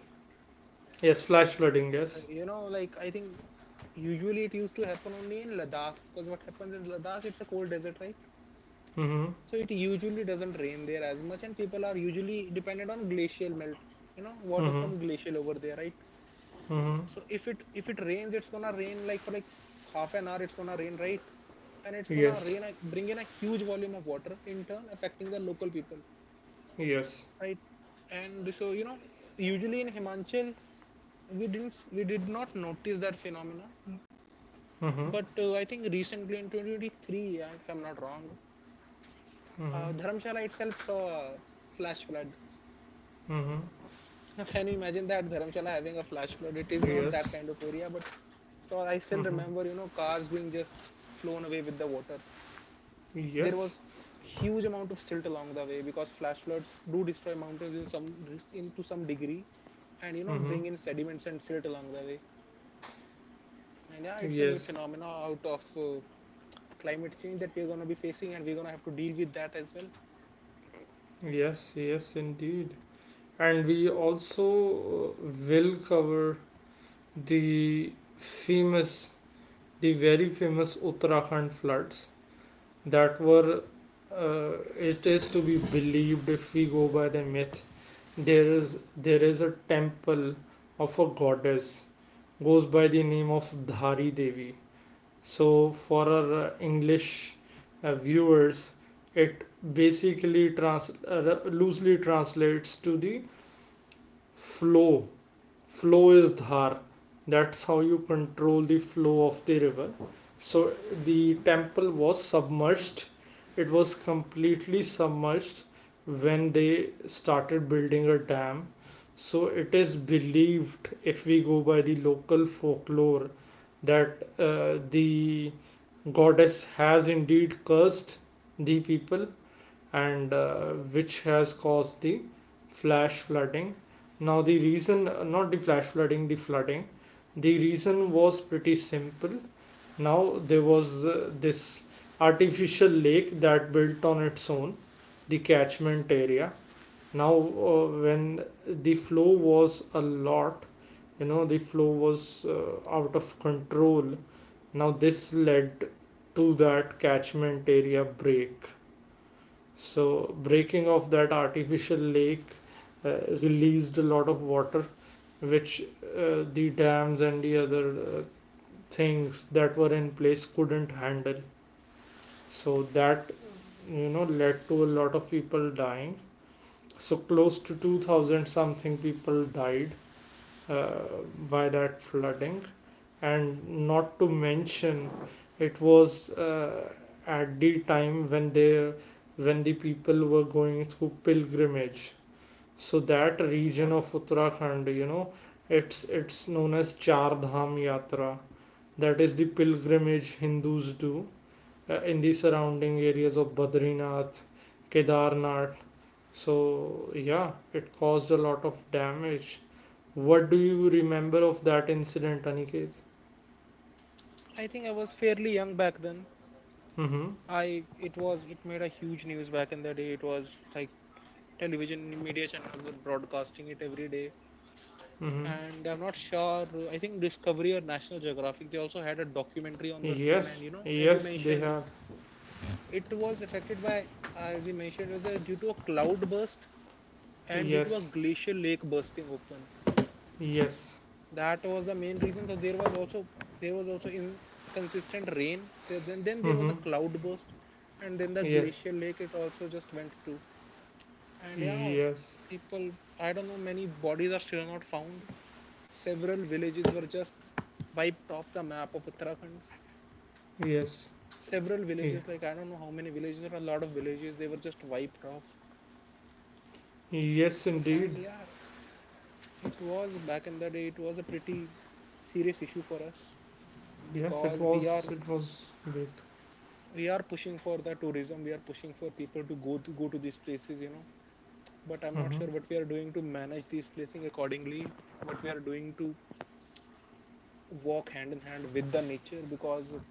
S1: Yes, flash flooding,
S2: So,
S1: yes.
S2: like, I think usually it used to happen only in Ladakh, because what happens is Ladakh, it's a cold desert, right?
S1: Mm-hmm.
S2: So it usually doesn't rain there as much, and people are usually dependent on glacial melt, water
S1: Mm-hmm.
S2: from glacial over there, right?
S1: Mm-hmm.
S2: So if it rains, it's gonna rain like for like half an hour, it's gonna rain, right? And it's gonna
S1: Yes.
S2: bring in a huge volume of water, in turn affecting the local people,
S1: Yes.
S2: right? And so usually in Himachal, we did not notice that phenomena.
S1: Mm-hmm.
S2: But I think recently in 2023, if I'm not wrong,
S1: Mm-hmm.
S2: Dharamshala itself saw a flash flood.
S1: Mm-hmm.
S2: Can you imagine that, Dharamshala having a flash flood? It is not that
S1: Yes.
S2: kind of area. But so I still
S1: Mm-hmm.
S2: remember, cars being just flown away with the water. There
S1: Yes.
S2: was huge amount of silt along the way, because flash floods do destroy mountains in some into some degree, and
S1: Mm-hmm.
S2: bring in sediments and silt along the way. And yeah, it's a new
S1: Yes.
S2: phenomena out of climate change that we're gonna be facing, and we're gonna have to deal with that as well.
S1: Yes, yes, indeed. And we also will cover the famous, the very famous Uttarakhand floods that were, it is to be believed, if we go by the myth, there is a temple of a goddess, goes by the name of Dhari Devi. So for our English viewers, it basically loosely translates to the flow flow. Is dhar. That's how you control the flow of the river. So the temple was submerged, it was completely submerged, when they started building a dam. So it is believed, if we go by the local folklore, that the goddess has indeed cursed the people, and which has caused the flash flooding. Now, the reason, not the flash flooding, the flooding, the reason was pretty simple. Now, there was this artificial lake that built on its own, the catchment area. Now, when the flow was a lot, the flow was out of control. Now, this led to that catchment area break, so breaking of that artificial lake released a lot of water, which the dams and the other things that were in place couldn't handle. So that, led to a lot of people dying. So, close to 2000 something people died, uh, by that flooding. And not to mention, it was at the time when they when the people were going through pilgrimage. So that region of Uttarakhand, it's known as Char Dham Yatra. That is the pilgrimage Hindus do in the surrounding areas of Badrinath, Kedarnath. So yeah, it caused a lot of damage. What do you remember of that incident, Aniket?
S2: I think I was fairly young back then.
S1: Mm-hmm.
S2: I It was— it made a huge news back in the day. It was like television media channels were broadcasting it every day,
S1: Mm-hmm.
S2: and I'm not sure. I think Discovery or National Geographic, they also had a documentary on the same.
S1: Yes.
S2: And, as you
S1: Yes, they have.
S2: mentioned, it was affected by— as you mentioned, it was due to a cloud burst and due to a
S1: Yes.
S2: glacial lake bursting open.
S1: Yes.
S2: That was the main reason. So there was also— there was also inconsistent rain. Then there
S1: Mm-hmm.
S2: was a cloud burst, and then the
S1: Yes.
S2: glacial lake it also just went through. And yeah,
S1: Yes.
S2: people, I don't know, many bodies are still not found. Several villages were just wiped off the map of Uttarakhand.
S1: Yes.
S2: Several
S1: Ye-.
S2: villages, like I don't know how many villages, or a lot of villages, they were just wiped off.
S1: Yes, indeed.
S2: And yeah, it was back in the day, it was a pretty serious issue for us,
S1: Yes, it
S2: because we
S1: was.
S2: are—
S1: It was big.
S2: we are pushing for the tourism, we are pushing for people to go to these places, you know. But I'm not
S1: Mm-hmm.
S2: sure what we are doing to manage these places accordingly, what we are doing to walk hand in hand with the nature. Because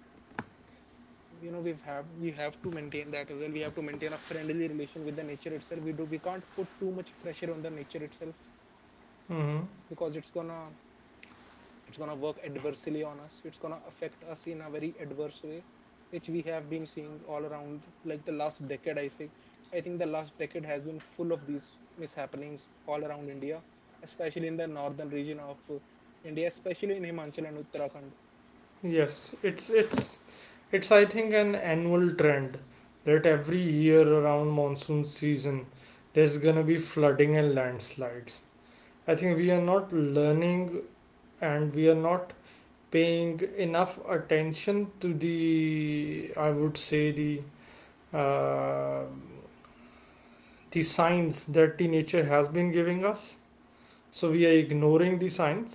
S2: we have— we have to maintain that as well. We have to maintain a friendly relation with the nature itself. We do— we can't put too much pressure on the nature itself,
S1: Mm-hmm.
S2: because it's going to work adversely on us. It's going to affect us in a very adverse way, which we have been seeing all around, like the last decade. I think the last decade has been full of these mishappenings all around India, especially in the northern region of India, especially in Himachal and Uttarakhand.
S1: Yes. It's. It's. It's. I think an annual trend that every year around monsoon season, there's gonna be flooding and landslides. I think we are not learning and we are not paying enough attention to the, I would say, the uh, signs that the nature has been giving us. So we are ignoring the signs.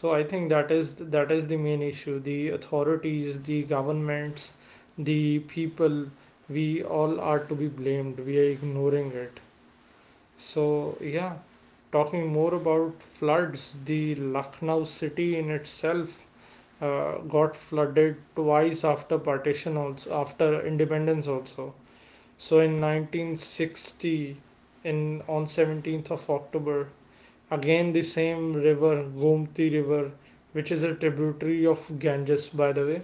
S1: So I think that is the main issue. The authorities, the governments, the people, we all are to be blamed. We are ignoring it. So, yeah. Talking more about floods, the Lucknow city in itself got flooded twice after partition also, after independence also. So in 1960, in on 17th of October, again the same river, Gomti River, which is a tributary of Ganges, by the way.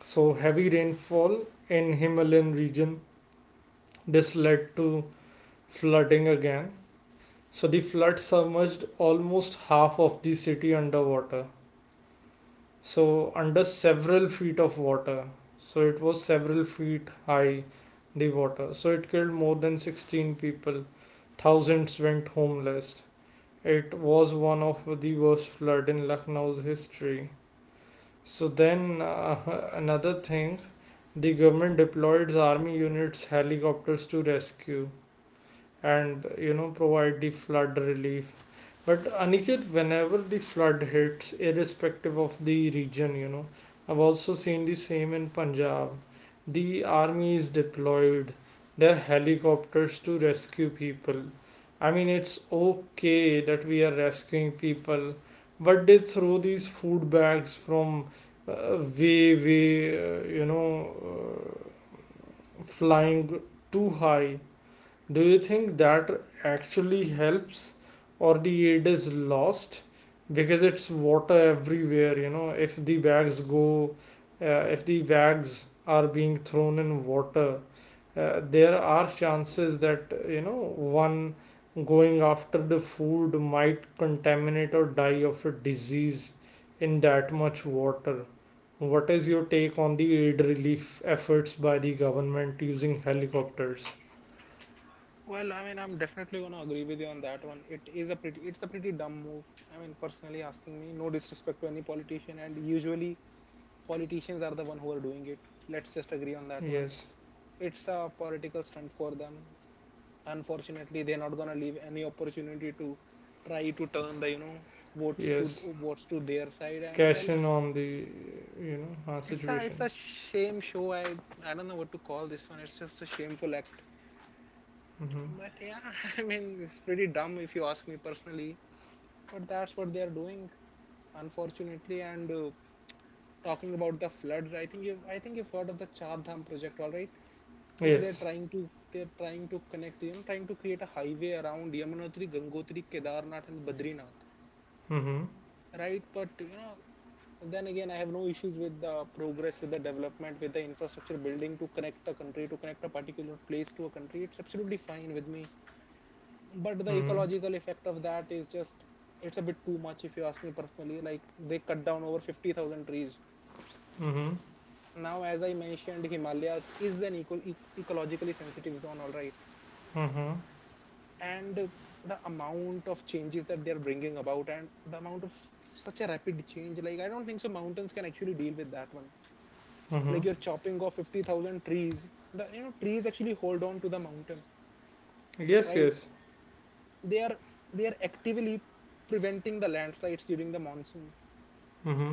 S1: So heavy rainfall in Himalayan region, this led to flooding again. So the flood submerged almost half of the city underwater. So, under several feet of water. So, it was several feet high, the water. So, it killed more than 16 people. Thousands went homeless. It was one of the worst flood in Lucknow's history. So then, another thing, the government deployed army units, helicopters to rescue and, you know, provide the flood relief. But Aniket, whenever the flood hits, irrespective of the region, you know, I've also seen the same in Punjab. The army is deployed, their helicopters to rescue people. I mean, it's okay that we are rescuing people, but they throw these food bags from way uh, flying too high. Do you think that actually helps or the aid is lost? Because it's water everywhere, you know. If the bags are being thrown in water, there are chances that, you know, one going after the food might contaminate or die of a disease in that much water. What is your take on the aid relief efforts by the government using helicopters?
S2: Well, I mean, I'm definitely going to agree with you on that one. It's a pretty dumb move. I mean, personally asking me, no disrespect to any politician, and usually politicians are the one who are doing it. Let's just agree on that one.
S1: Yes.
S2: It's a political stunt for them. Unfortunately, they're not gonna leave any opportunity to try to turn the votes to
S1: Yes,
S2: votes to their side. And
S1: cash
S2: well,
S1: in on the, you
S2: it's
S1: situation.
S2: a shame show. I don't know what to call this one. It's just a shameful act.
S1: Mm-hmm.
S2: But yeah, I mean, it's pretty dumb if you ask me personally. But that's what they are doing, unfortunately. And talking about the floods, I think you've heard of the Char Dham project, all right?
S1: Yes.
S2: They're trying to connect, trying to create a highway around Yamunotri, Gangotri, Kedarnath and Badrinath,
S1: Mm-hmm.
S2: right? But you know, then again, I have no issues with the progress, with the development, with the infrastructure building to connect a country, to connect a particular place to a country. It's absolutely fine with me. But the
S1: Mm-hmm.
S2: ecological effect of that is just— it's a bit too much if you ask me personally. Like, they cut down over 50,000 trees.
S1: Mm-hmm.
S2: Now, as I mentioned, Himalayas is an ecologically sensitive zone, all right?
S1: Mm-hmm.
S2: And the amount of changes that they're bringing about, and the amount of such a rapid change, like, I don't think so mountains can actually deal with that one.
S1: Mm-hmm.
S2: Like, you're chopping off 50,000 trees. The You know, trees actually hold on to the mountain,
S1: Yes.
S2: right?
S1: Yes.
S2: They are— they are actively preventing the landslides during the monsoon.
S1: Mm-hmm.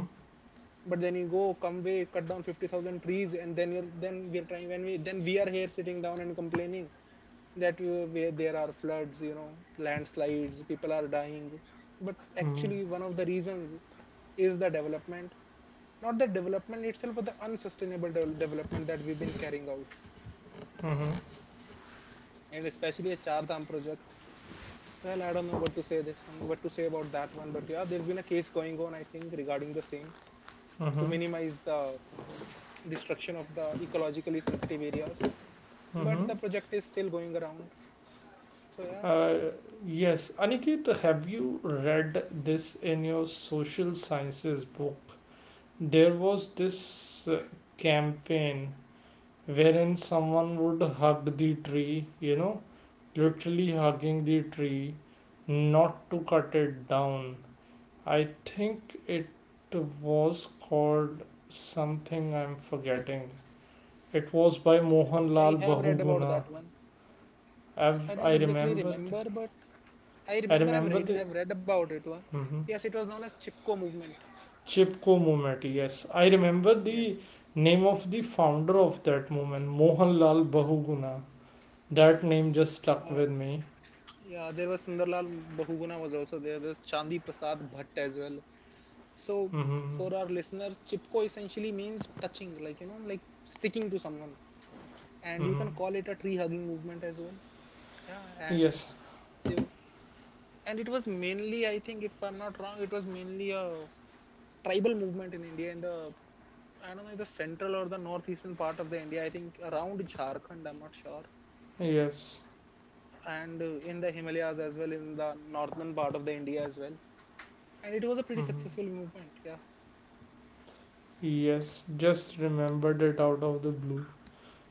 S2: But then you go come way cut down 50,000 trees, and then you're then we're trying— when we then we are here sitting down and complaining that where there are floods, you know, landslides, people are dying. But
S1: Mm-hmm.
S2: actually, one of the reasons is the development, not the development itself, but the unsustainable development that we've been carrying out,
S1: Mm-hmm.
S2: and especially a Chardham project. Well, I don't know what to say this one, what to say about that one, but yeah, there's been a case going on, I think, regarding the same, to
S1: Mm-hmm.
S2: minimize the destruction of the ecologically sensitive areas.
S1: Mm-hmm.
S2: But the project is still going around, so yeah.
S1: Uh, yes, Aniket, have you read this in your social sciences book? There was this campaign wherein someone would hug the tree, you know, literally hugging the tree not to cut it down. I think it was called something I'm forgetting. It was by
S2: I
S1: Mohanlal
S2: have read about
S1: Bahuguna.
S2: that one.
S1: I've,
S2: I
S1: I
S2: don't exactly
S1: remembered.
S2: remember, but
S1: I remember the
S2: I've read about it one.
S1: Mm-hmm.
S2: Yes, it was known as Chipko movement.
S1: Chipko movement. Yes, I remember the
S2: Yes.
S1: name of the founder of that movement, Mohanlal Bahuguna. That name just stuck
S2: Uh,
S1: with me.
S2: yeah, there was Sundarlal Bahuguna was also there. There's Chandi Prasad Bhatt as well. So
S1: Mm-hmm.
S2: for our listeners, Chipko essentially means touching, like, you know, like sticking to someone, and you
S1: Mm-hmm.
S2: can call it a tree hugging movement as well. Yeah, and
S1: Yes.
S2: they were— and it was mainly, I think, if I'm not wrong, it was mainly a tribal movement in India in the— I don't know, the central or the northeastern part of the India. I think around Jharkhand. I'm not sure.
S1: Yes.
S2: And in the Himalayas as well, in the northern part of the India as well. And it was a pretty
S1: Mm-hmm.
S2: successful movement. Yeah,
S1: Yes, just remembered it out of the blue.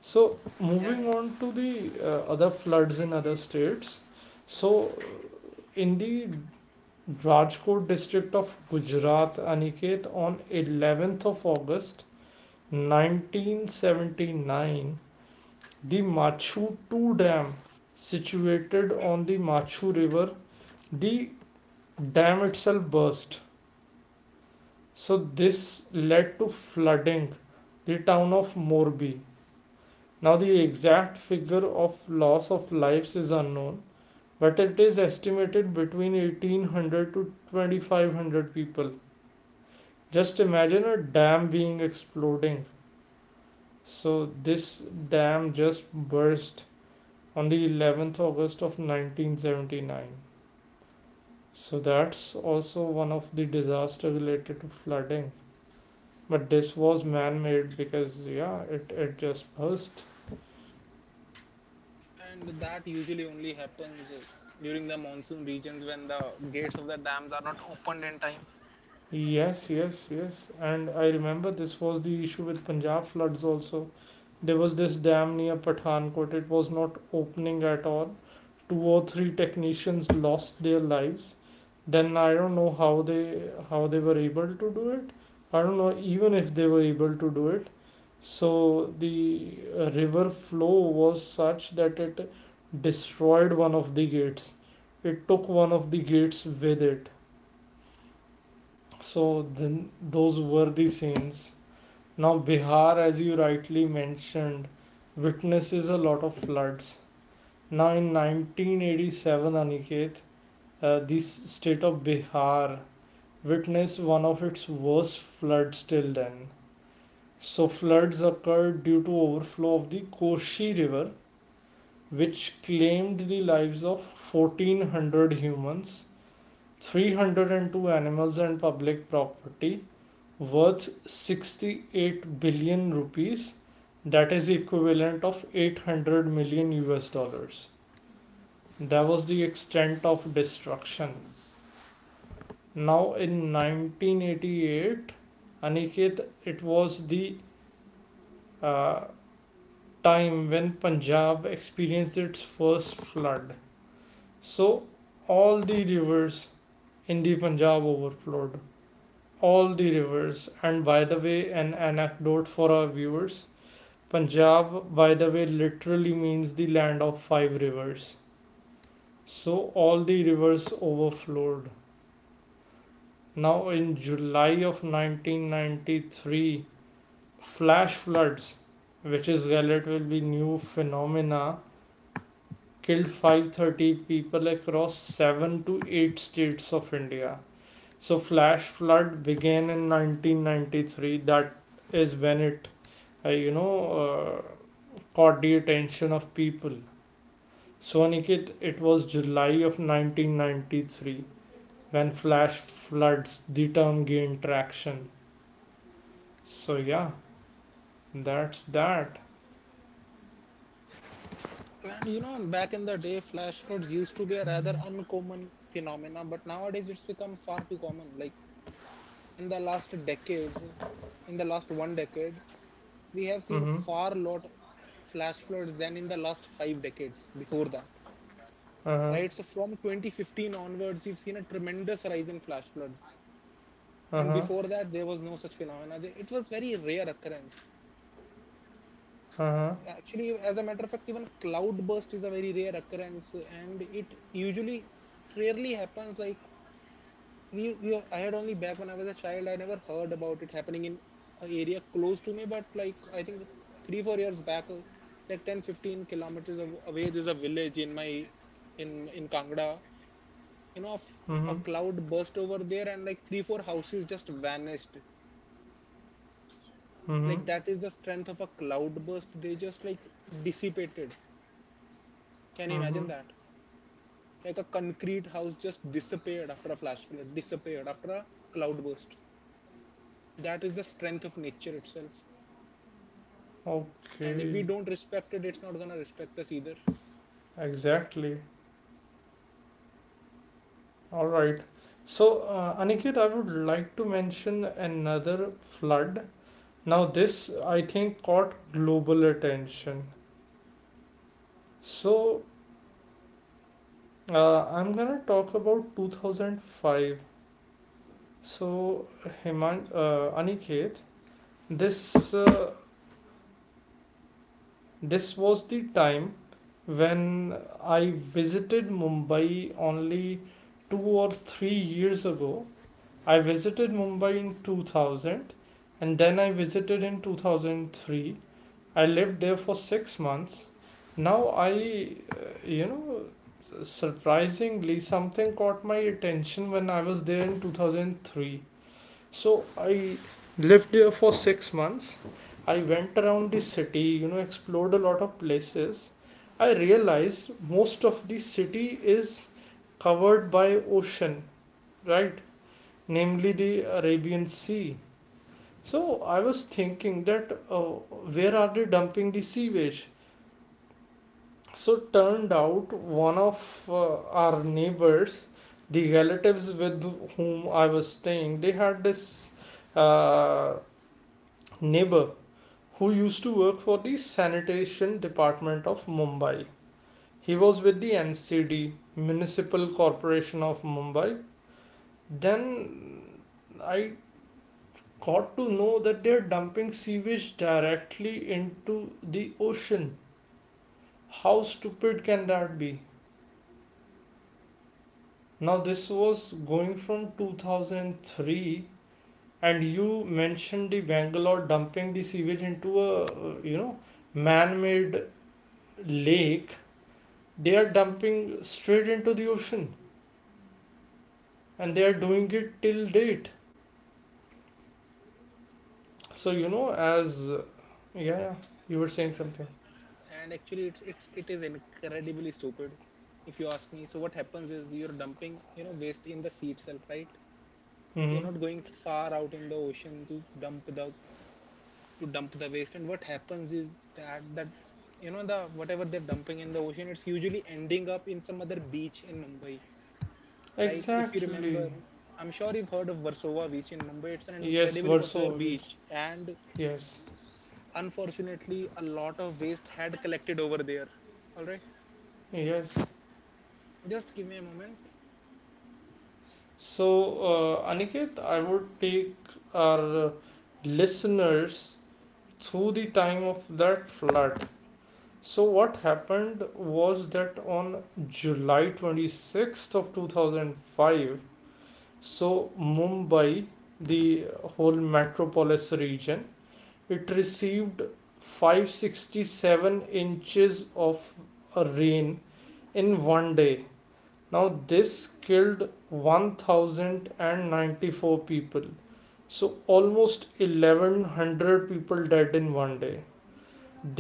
S1: So, moving
S2: yeah.
S1: on to the other floods in other states. So, in the Rajkot district of Gujarat, Aniket, on 11th of August 1979, the Machu 2 dam, situated on the Machu River, the dam itself burst. So, this led to flooding the town of Morbi. Now, the exact figure of loss of lives is unknown, but it is estimated between 1800 to 2500 people. Just imagine a dam being exploding. So, this dam just burst on the 11th August of 1979. So, that's also one of the disaster related to flooding. But this was man made because, yeah, it just burst.
S2: And that usually only happens during the monsoon regions when the gates of the dams are not opened in time.
S1: Yes, yes, yes. And I remember this was the issue with Punjab floods also. There was this dam near Pathankot, it was not opening at all. Two or three technicians lost their lives. Then I don't know how they were able to do it. I don't know even if they were able to do it. So the river flow was such that it destroyed one of the gates. It took one of the gates with it, so then those were the scenes. Now Bihar, as you rightly mentioned, witnesses a lot of floods. Now in 1987, Aniket, the state of Bihar witnessed one of its worst floods till then. So floods occurred due to overflow of the Koshi River, which claimed the lives of 1400 humans, 302 animals and public property, worth 68 billion rupees, that is the equivalent of 800 million US dollars. That was the extent of destruction. Now in 1988, Aniket, it was the uh, time when Punjab experienced its first flood. So all the rivers in the Punjab overflowed, all the rivers. And by the way, an anecdote for our viewers, Punjab, by the way, literally means the land of five rivers. So all the rivers overflowed. Now, in July of 1993, flash floods, which is relatively new phenomena, killed 530 people across 7 to 8 states of India. So flash flood began in 1993. That is when it, uh, you know, uh, caught the attention of people. So, Aniket, it was July of 1993 when flash floods the term gained traction. So, yeah, that's that.
S2: And you know, back in the day, flash floods used to be a rather uncommon phenomena, but nowadays it's become far too common. Like, in the last decades, in the last one decade, we have seen
S1: Mm
S2: far lot flash floods than in the last five decades before that,
S1: hmm. Uh huh.
S2: right? So from 2015 onwards, we've seen a tremendous rise in flash floods,
S1: Uh
S2: and
S1: huh.
S2: before that there was no such phenomena. It was very rare occurrence.
S1: Uh huh.
S2: Actually, as a matter of fact, even cloud burst is a very rare occurrence, and it usually rarely happens. Like, we I had only— back when I was a child, I never heard about it happening in a area close to me. But like, I think 3 4 years back, like 10 15 kilometers away, there's a village in my— in Kangra. You know, f-
S1: Mm
S2: a
S1: hmm.
S2: cloud burst over there, and like 3 4 houses just vanished.
S1: Mm
S2: Like, that is the strength of a cloud burst. They just like dissipated. Can you
S1: hmm. Mm hmm.
S2: imagine that? Like a concrete house just disappeared after a flash flood, disappeared after a cloud burst. That is the strength of nature itself. And if
S1: Okay.
S2: we don't respect it, it's not gonna respect us either.
S1: Exactly. All right. So, Aniket, I would like to mention another flood. Now, this I think caught global attention. So, I'm gonna talk about 2005. So, Aniket, this uh, this was the time when I visited Mumbai only 2 or 3 years ago. I visited Mumbai in 2000, and then I visited in 2003. I lived there for 6 months. Now I, you know, surprisingly, something caught my attention when I was there in 2003. So I lived there for 6 months. I went around the city, you know, explored a lot of places. I realized most of the city is covered by ocean, right? Namely the Arabian Sea. So I was thinking that, where are they dumping the sewage? So turned out one of our neighbors, the relatives with whom I was staying, they had this uh, neighbor who used to work for the sanitation department of Mumbai. He was with the MCD, Municipal Corporation of Mumbai. Then I got to know that they're dumping sewage directly into the ocean. How stupid can that be? Now, this was going from 2003, and you mentioned the Bangalore dumping the sewage into a, you know, man made lake. They are dumping straight into the ocean, and they are doing it till date. So, you know, as yeah, yeah, you were saying something.
S2: And actually, it's it is incredibly stupid if you ask me. So what happens is you're dumping, you know, waste in the sea itself, right?
S1: Hmm.
S2: You're not going far out in the ocean to dump the waste and what happens is that you know, the whatever they're dumping in the ocean, it's usually ending up in some other beach in Mumbai, right? If you remember,
S1: Exactly.
S2: I'm sure you've heard of Varsova Beach in Mumbai. It's an
S1: Yes,
S2: incredibly popular
S1: Varsovich.
S2: beach, and
S1: Yes.
S2: unfortunately a lot of waste had collected over there. All right,
S1: Yes.
S2: just give me a moment.
S1: So, Aniket, I would take our listeners through the time of that flood. So what happened was that on July 26th of 2005, so Mumbai, the whole metropolis region, it received 567 inches of rain in one day. Now, this killed 1,094 people. So, almost 1,100 people dead in one day.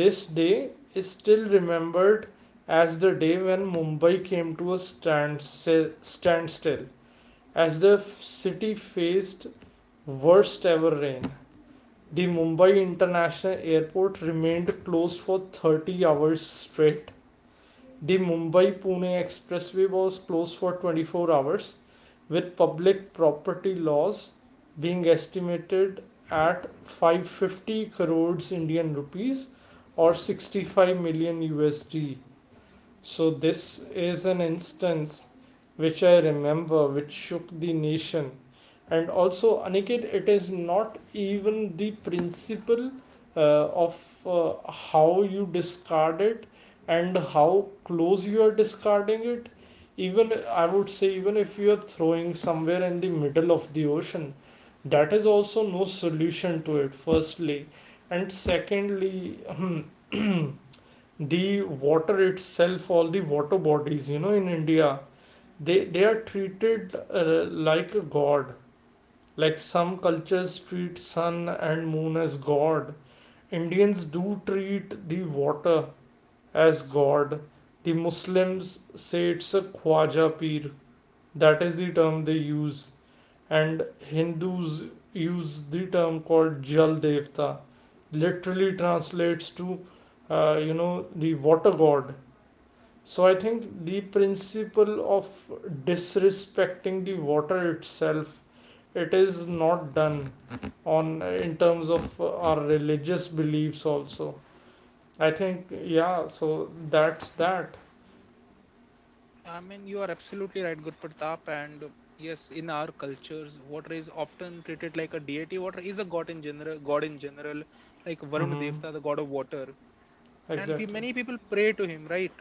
S1: This day is still remembered as the day when Mumbai came to a standstill, as the city faced worst ever rain. The Mumbai International Airport remained closed for 30 hours straight. The Mumbai Pune Expressway was closed for 24 hours, with public property loss being estimated at 550 crores Indian rupees or 65 million USD. So, this is an instance which I remember which shook the nation. And also, Aniket, it is not even the principle uh, of how you discard it and how close you are discarding it. Even I would say, even if you are throwing somewhere in the middle of the ocean, that is also no solution to it, firstly. And secondly, the water itself, all the water bodies, you know, in India, they are treated like a god. Like some cultures treat sun and moon as god, Indians do treat the water as god. The Muslims say it's a khwaja pir, that is the term they use, and Hindus use the term called jal devta, literally translates to, you know, the water god. So I think the principle of disrespecting the water itself, it is not done on in terms of our religious beliefs also. I think, yeah. So that's that.
S2: I mean, you are absolutely right, Gurpratap. And yes, in our cultures, water is often treated like a deity. Water is a god in general, like Varun
S1: Mm-hmm.
S2: Devta, the god of water. And
S1: Exactly.
S2: many people pray to him, right?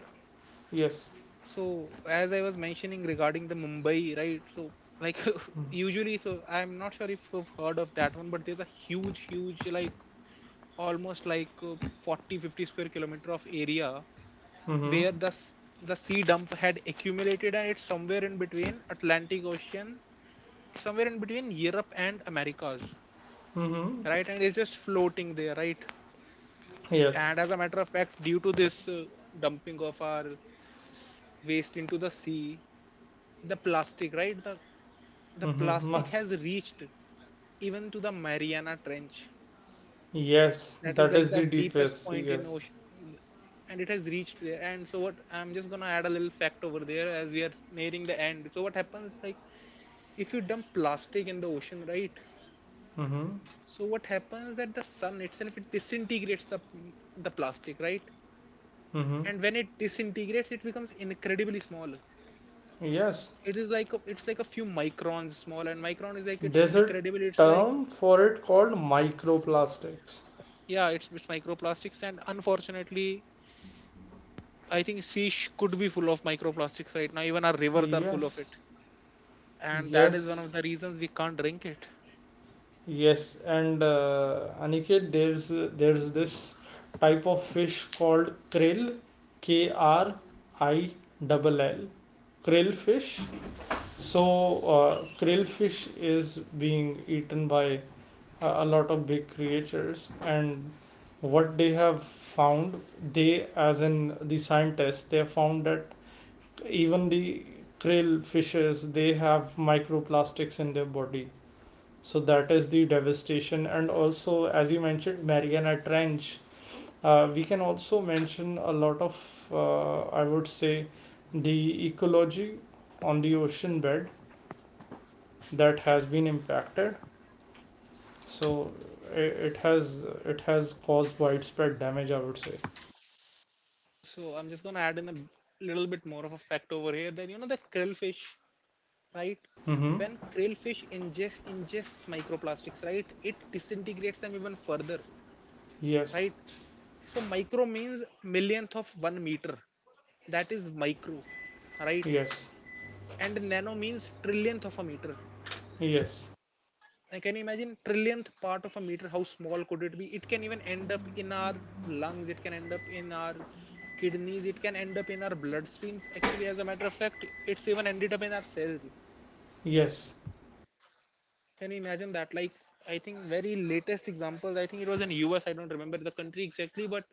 S1: Yes.
S2: So, as I was mentioning regarding the Mumbai, right? So, like usually, so I'm not sure if you've heard of that one, but there's a huge, huge, like almost like 40 50 square kilometer of area
S1: Mm-hmm.
S2: where the sea dump had accumulated, and it's somewhere in between Atlantic Ocean, somewhere in between Europe and Americas,
S1: Mm-hmm.
S2: right? And it's just floating there, right?
S1: Yes.
S2: And as a matter of fact, due to this dumping of our waste into the sea, the plastic, right, the
S1: Mm-hmm.
S2: plastic has reached even to the Mariana Trench.
S1: Yes.
S2: That is
S1: That is
S2: like the
S1: the
S2: deepest
S1: deepest.
S2: point in
S1: Yes.
S2: ocean, and it has reached there. And so, what I'm just gonna add a little fact over there, as we are nearing the end. So what happens, like, if you dump plastic in the ocean, right?
S1: Mm-hmm.
S2: So what happens that the sun itself, it disintegrates the plastic, right?
S1: Mm-hmm.
S2: And when it disintegrates, it becomes incredibly small.
S1: Yes.
S2: It is like a, it's like a few microns small. And micron is like, it's
S1: There's a
S2: incredible, it's like,
S1: term for it called microplastics.
S2: yeah, it's microplastics. And unfortunately, I think fish could be full of microplastics right now. Even our rivers are full of
S1: Yes,
S2: it, and that is one
S1: yes,
S2: of the reasons we can't drink it.
S1: yes. And Aniket, there's this type of fish called krill, K R I double L, krill fish. So krill fish is being eaten by a lot of big creatures, and what they have found, they, as in the scientists, they have found that even the krill fishes they have microplastics in their body. So that is the devastation. And also, as you mentioned, Mariana Trench, we can also mention a lot of, I would say, the ecology on the ocean bed that has been impacted. So i- it has it has caused widespread damage, I would say.
S2: So I'm just gonna add in a little bit more of a fact over here, that you know the krillfish, right?
S1: Mm-hmm.
S2: When krillfish ingests microplastics, right, it disintegrates them even further,
S1: Yes,
S2: right? So micro means millionth of 1 meter. That is micro, right?
S1: yes,
S2: And nano means trillionth of a meter.
S1: yes,
S2: I Can you imagine trillionth part of a meter? How small could it be? It can even end up in our lungs. It can end up in our kidneys. It can end up in our bloodstreams. Actually, as a matter of fact, it's even ended up in our cells.
S1: yes,
S2: Can you imagine that? Like, I think very latest examples, I think it was in US. I don't remember the country exactly, but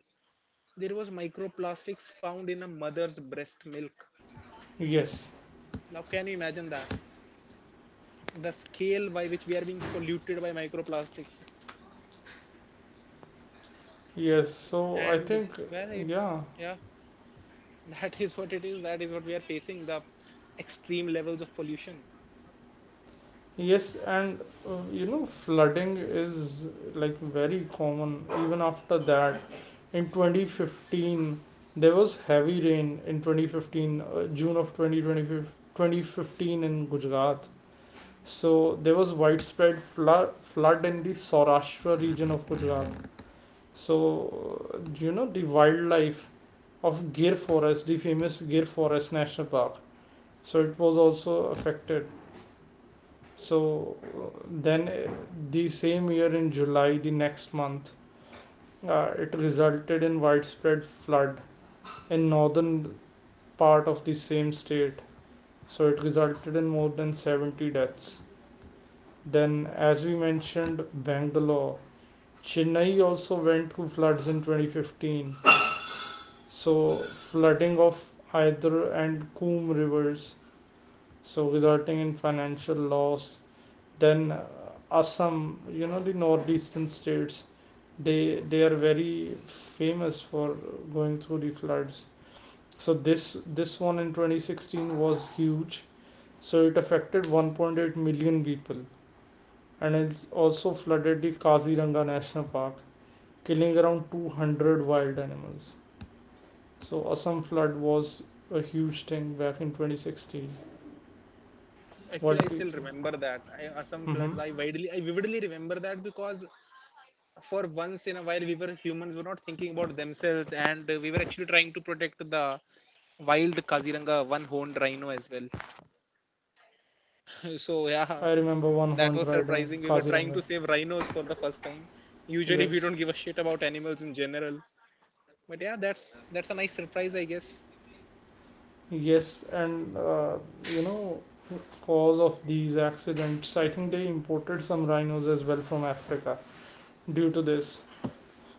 S2: there was microplastics found in a mother's breast milk.
S1: yes,
S2: Now, can you imagine that? The scale by which we are being polluted by microplastics,
S1: yes. So I
S2: and
S1: think,
S2: well, it,
S1: yeah,
S2: yeah, that is what it is. That is what we are facing, the extreme levels of pollution.
S1: yes, and you know, flooding is like very common even after that. In 2015, there was heavy rain in 2015, June of 2020, 2015 in Gujarat. So there was widespread flood in the Saurashtra region of Gujarat. So you know, the wildlife of Gir Forest, the famous Gir Forest National Park. So it was also affected. So then, the same year in July, the next month, it resulted in widespread flood in northern part of the same state. So it resulted in more than 70 deaths. Then, as we mentioned, Bangalore, Chennai also went through floods in 2015. So flooding of Hyder and Coombe rivers, so resulting in financial loss. Then Assam, you know, the northeastern states, they are very famous for going through the floods. So this one in 2016 was huge. So it affected 1.8 million people, and it's also flooded the Kaziranga National Park, killing around 200 wild animals. So Assam flood was a huge thing back in 2016.
S2: Actually,
S1: What
S2: I
S1: do you
S2: still
S1: think?
S2: remember that. I, some floods,
S1: Hmm.
S2: I vividly remember that, because for once in a while, we were humans were not thinking about themselves, and we were actually trying to protect the wild Kaziranga one-horned rhino as well. So yeah,
S1: I remember one
S2: that
S1: horned
S2: was
S1: rider in
S2: surprising. We were trying
S1: Kaziranga.
S2: to save rhinos for the first time. Usually, we
S1: Yes.
S2: don't give a shit about animals in general. But yeah, that's a nice surprise, I guess.
S1: Yes, and you know, cause of these accidents, I think they imported some rhinos as well from Africa. Due to this,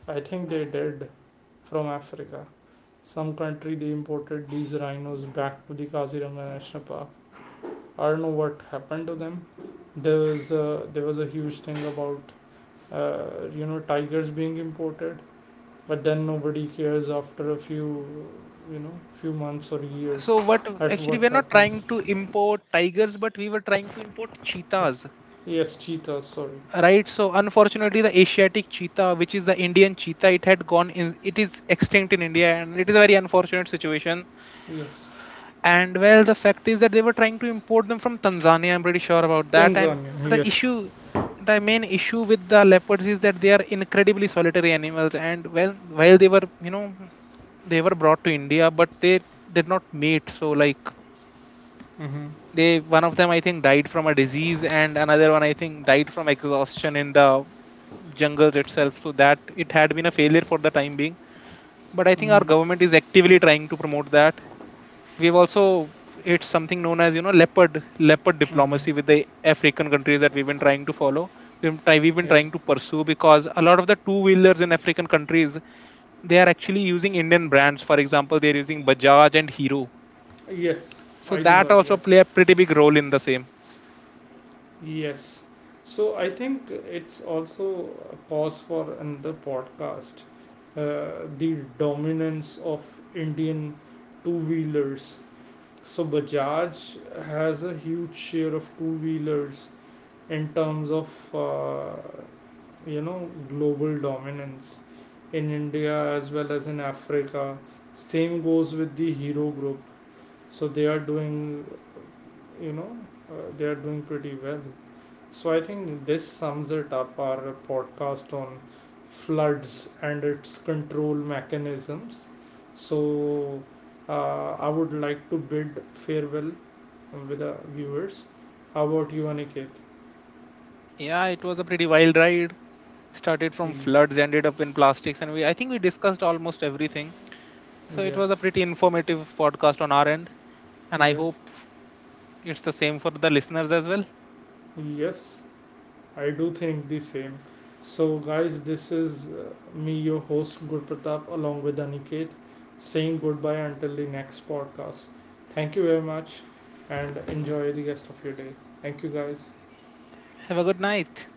S1: I think they did from Africa. Some country they imported these rhinos back to the Kaziranga National Park. I don't know what happened to them. There was a huge thing about you know, tigers being imported, but then nobody cares after a few you know few months or years
S2: So what
S1: at
S2: actually,
S1: what
S2: we're not trying
S1: happens.
S2: to import tigers, but we were trying to import cheetahs,
S1: Yes, cheetahs. Sorry.
S2: right? So unfortunately, the Asiatic cheetah, which is the Indian cheetah, it had it is extinct in India, and it is a very unfortunate situation.
S1: Yes.
S2: And well, the fact is that they were trying to import them from Tanzania. I'm pretty sure about that. And
S1: Tanzania.
S2: the
S1: Yes.
S2: issue, the main issue with the leopards is that they are incredibly solitary animals. And well, while they were, you know, they were brought to India, but they did not mate. So like,
S1: Mm-hmm.
S2: they, one of them, I think, died from a disease, and another one, I think, died from exhaustion in the jungles itself. So that, it had been a failure for the time being, but I think our
S1: Mm-hmm.
S2: government is actively trying to promote that. We've also, it's something known as, you know, leopard leopard
S1: Mm-hmm.
S2: diplomacy with the African countries, that we've been trying to follow, we've been trying
S1: Yes.
S2: to pursue, because a lot of the two wheelers in African countries, they are actually using Indian brands. For example, they're using Bajaj and Hero,
S1: Yes.
S2: so
S1: I know
S2: that
S1: that.
S2: also
S1: Yes.
S2: play a pretty big role in the same.
S1: Yes. So I think it's also a pause for another podcast. The dominance of Indian two wheelers. So Bajaj has a huge share of two wheelers in terms of, you know, global dominance in India as well as in Africa. Same goes with the Hero Group. So you know, they are doing pretty well. So I think this sums it up our podcast on floods and its control mechanisms. So I would like to bid farewell with the viewers. How about you, Aniket?
S2: Yeah, it was a pretty wild ride. Started
S1: Y-
S2: from floods, ended up in plastics, and we I think we discussed almost everything. So it was a
S1: Yes,
S2: pretty informative podcast on our end, and I
S1: yes,
S2: hope it's the same for the listeners as well.
S1: yes. I do think the same. So, guys, this is me, your host Gurpratap, along with Aniket, saying goodbye until the next podcast. Thank you very much and enjoy the rest of your day. Thank you, guys.
S2: Have a good night.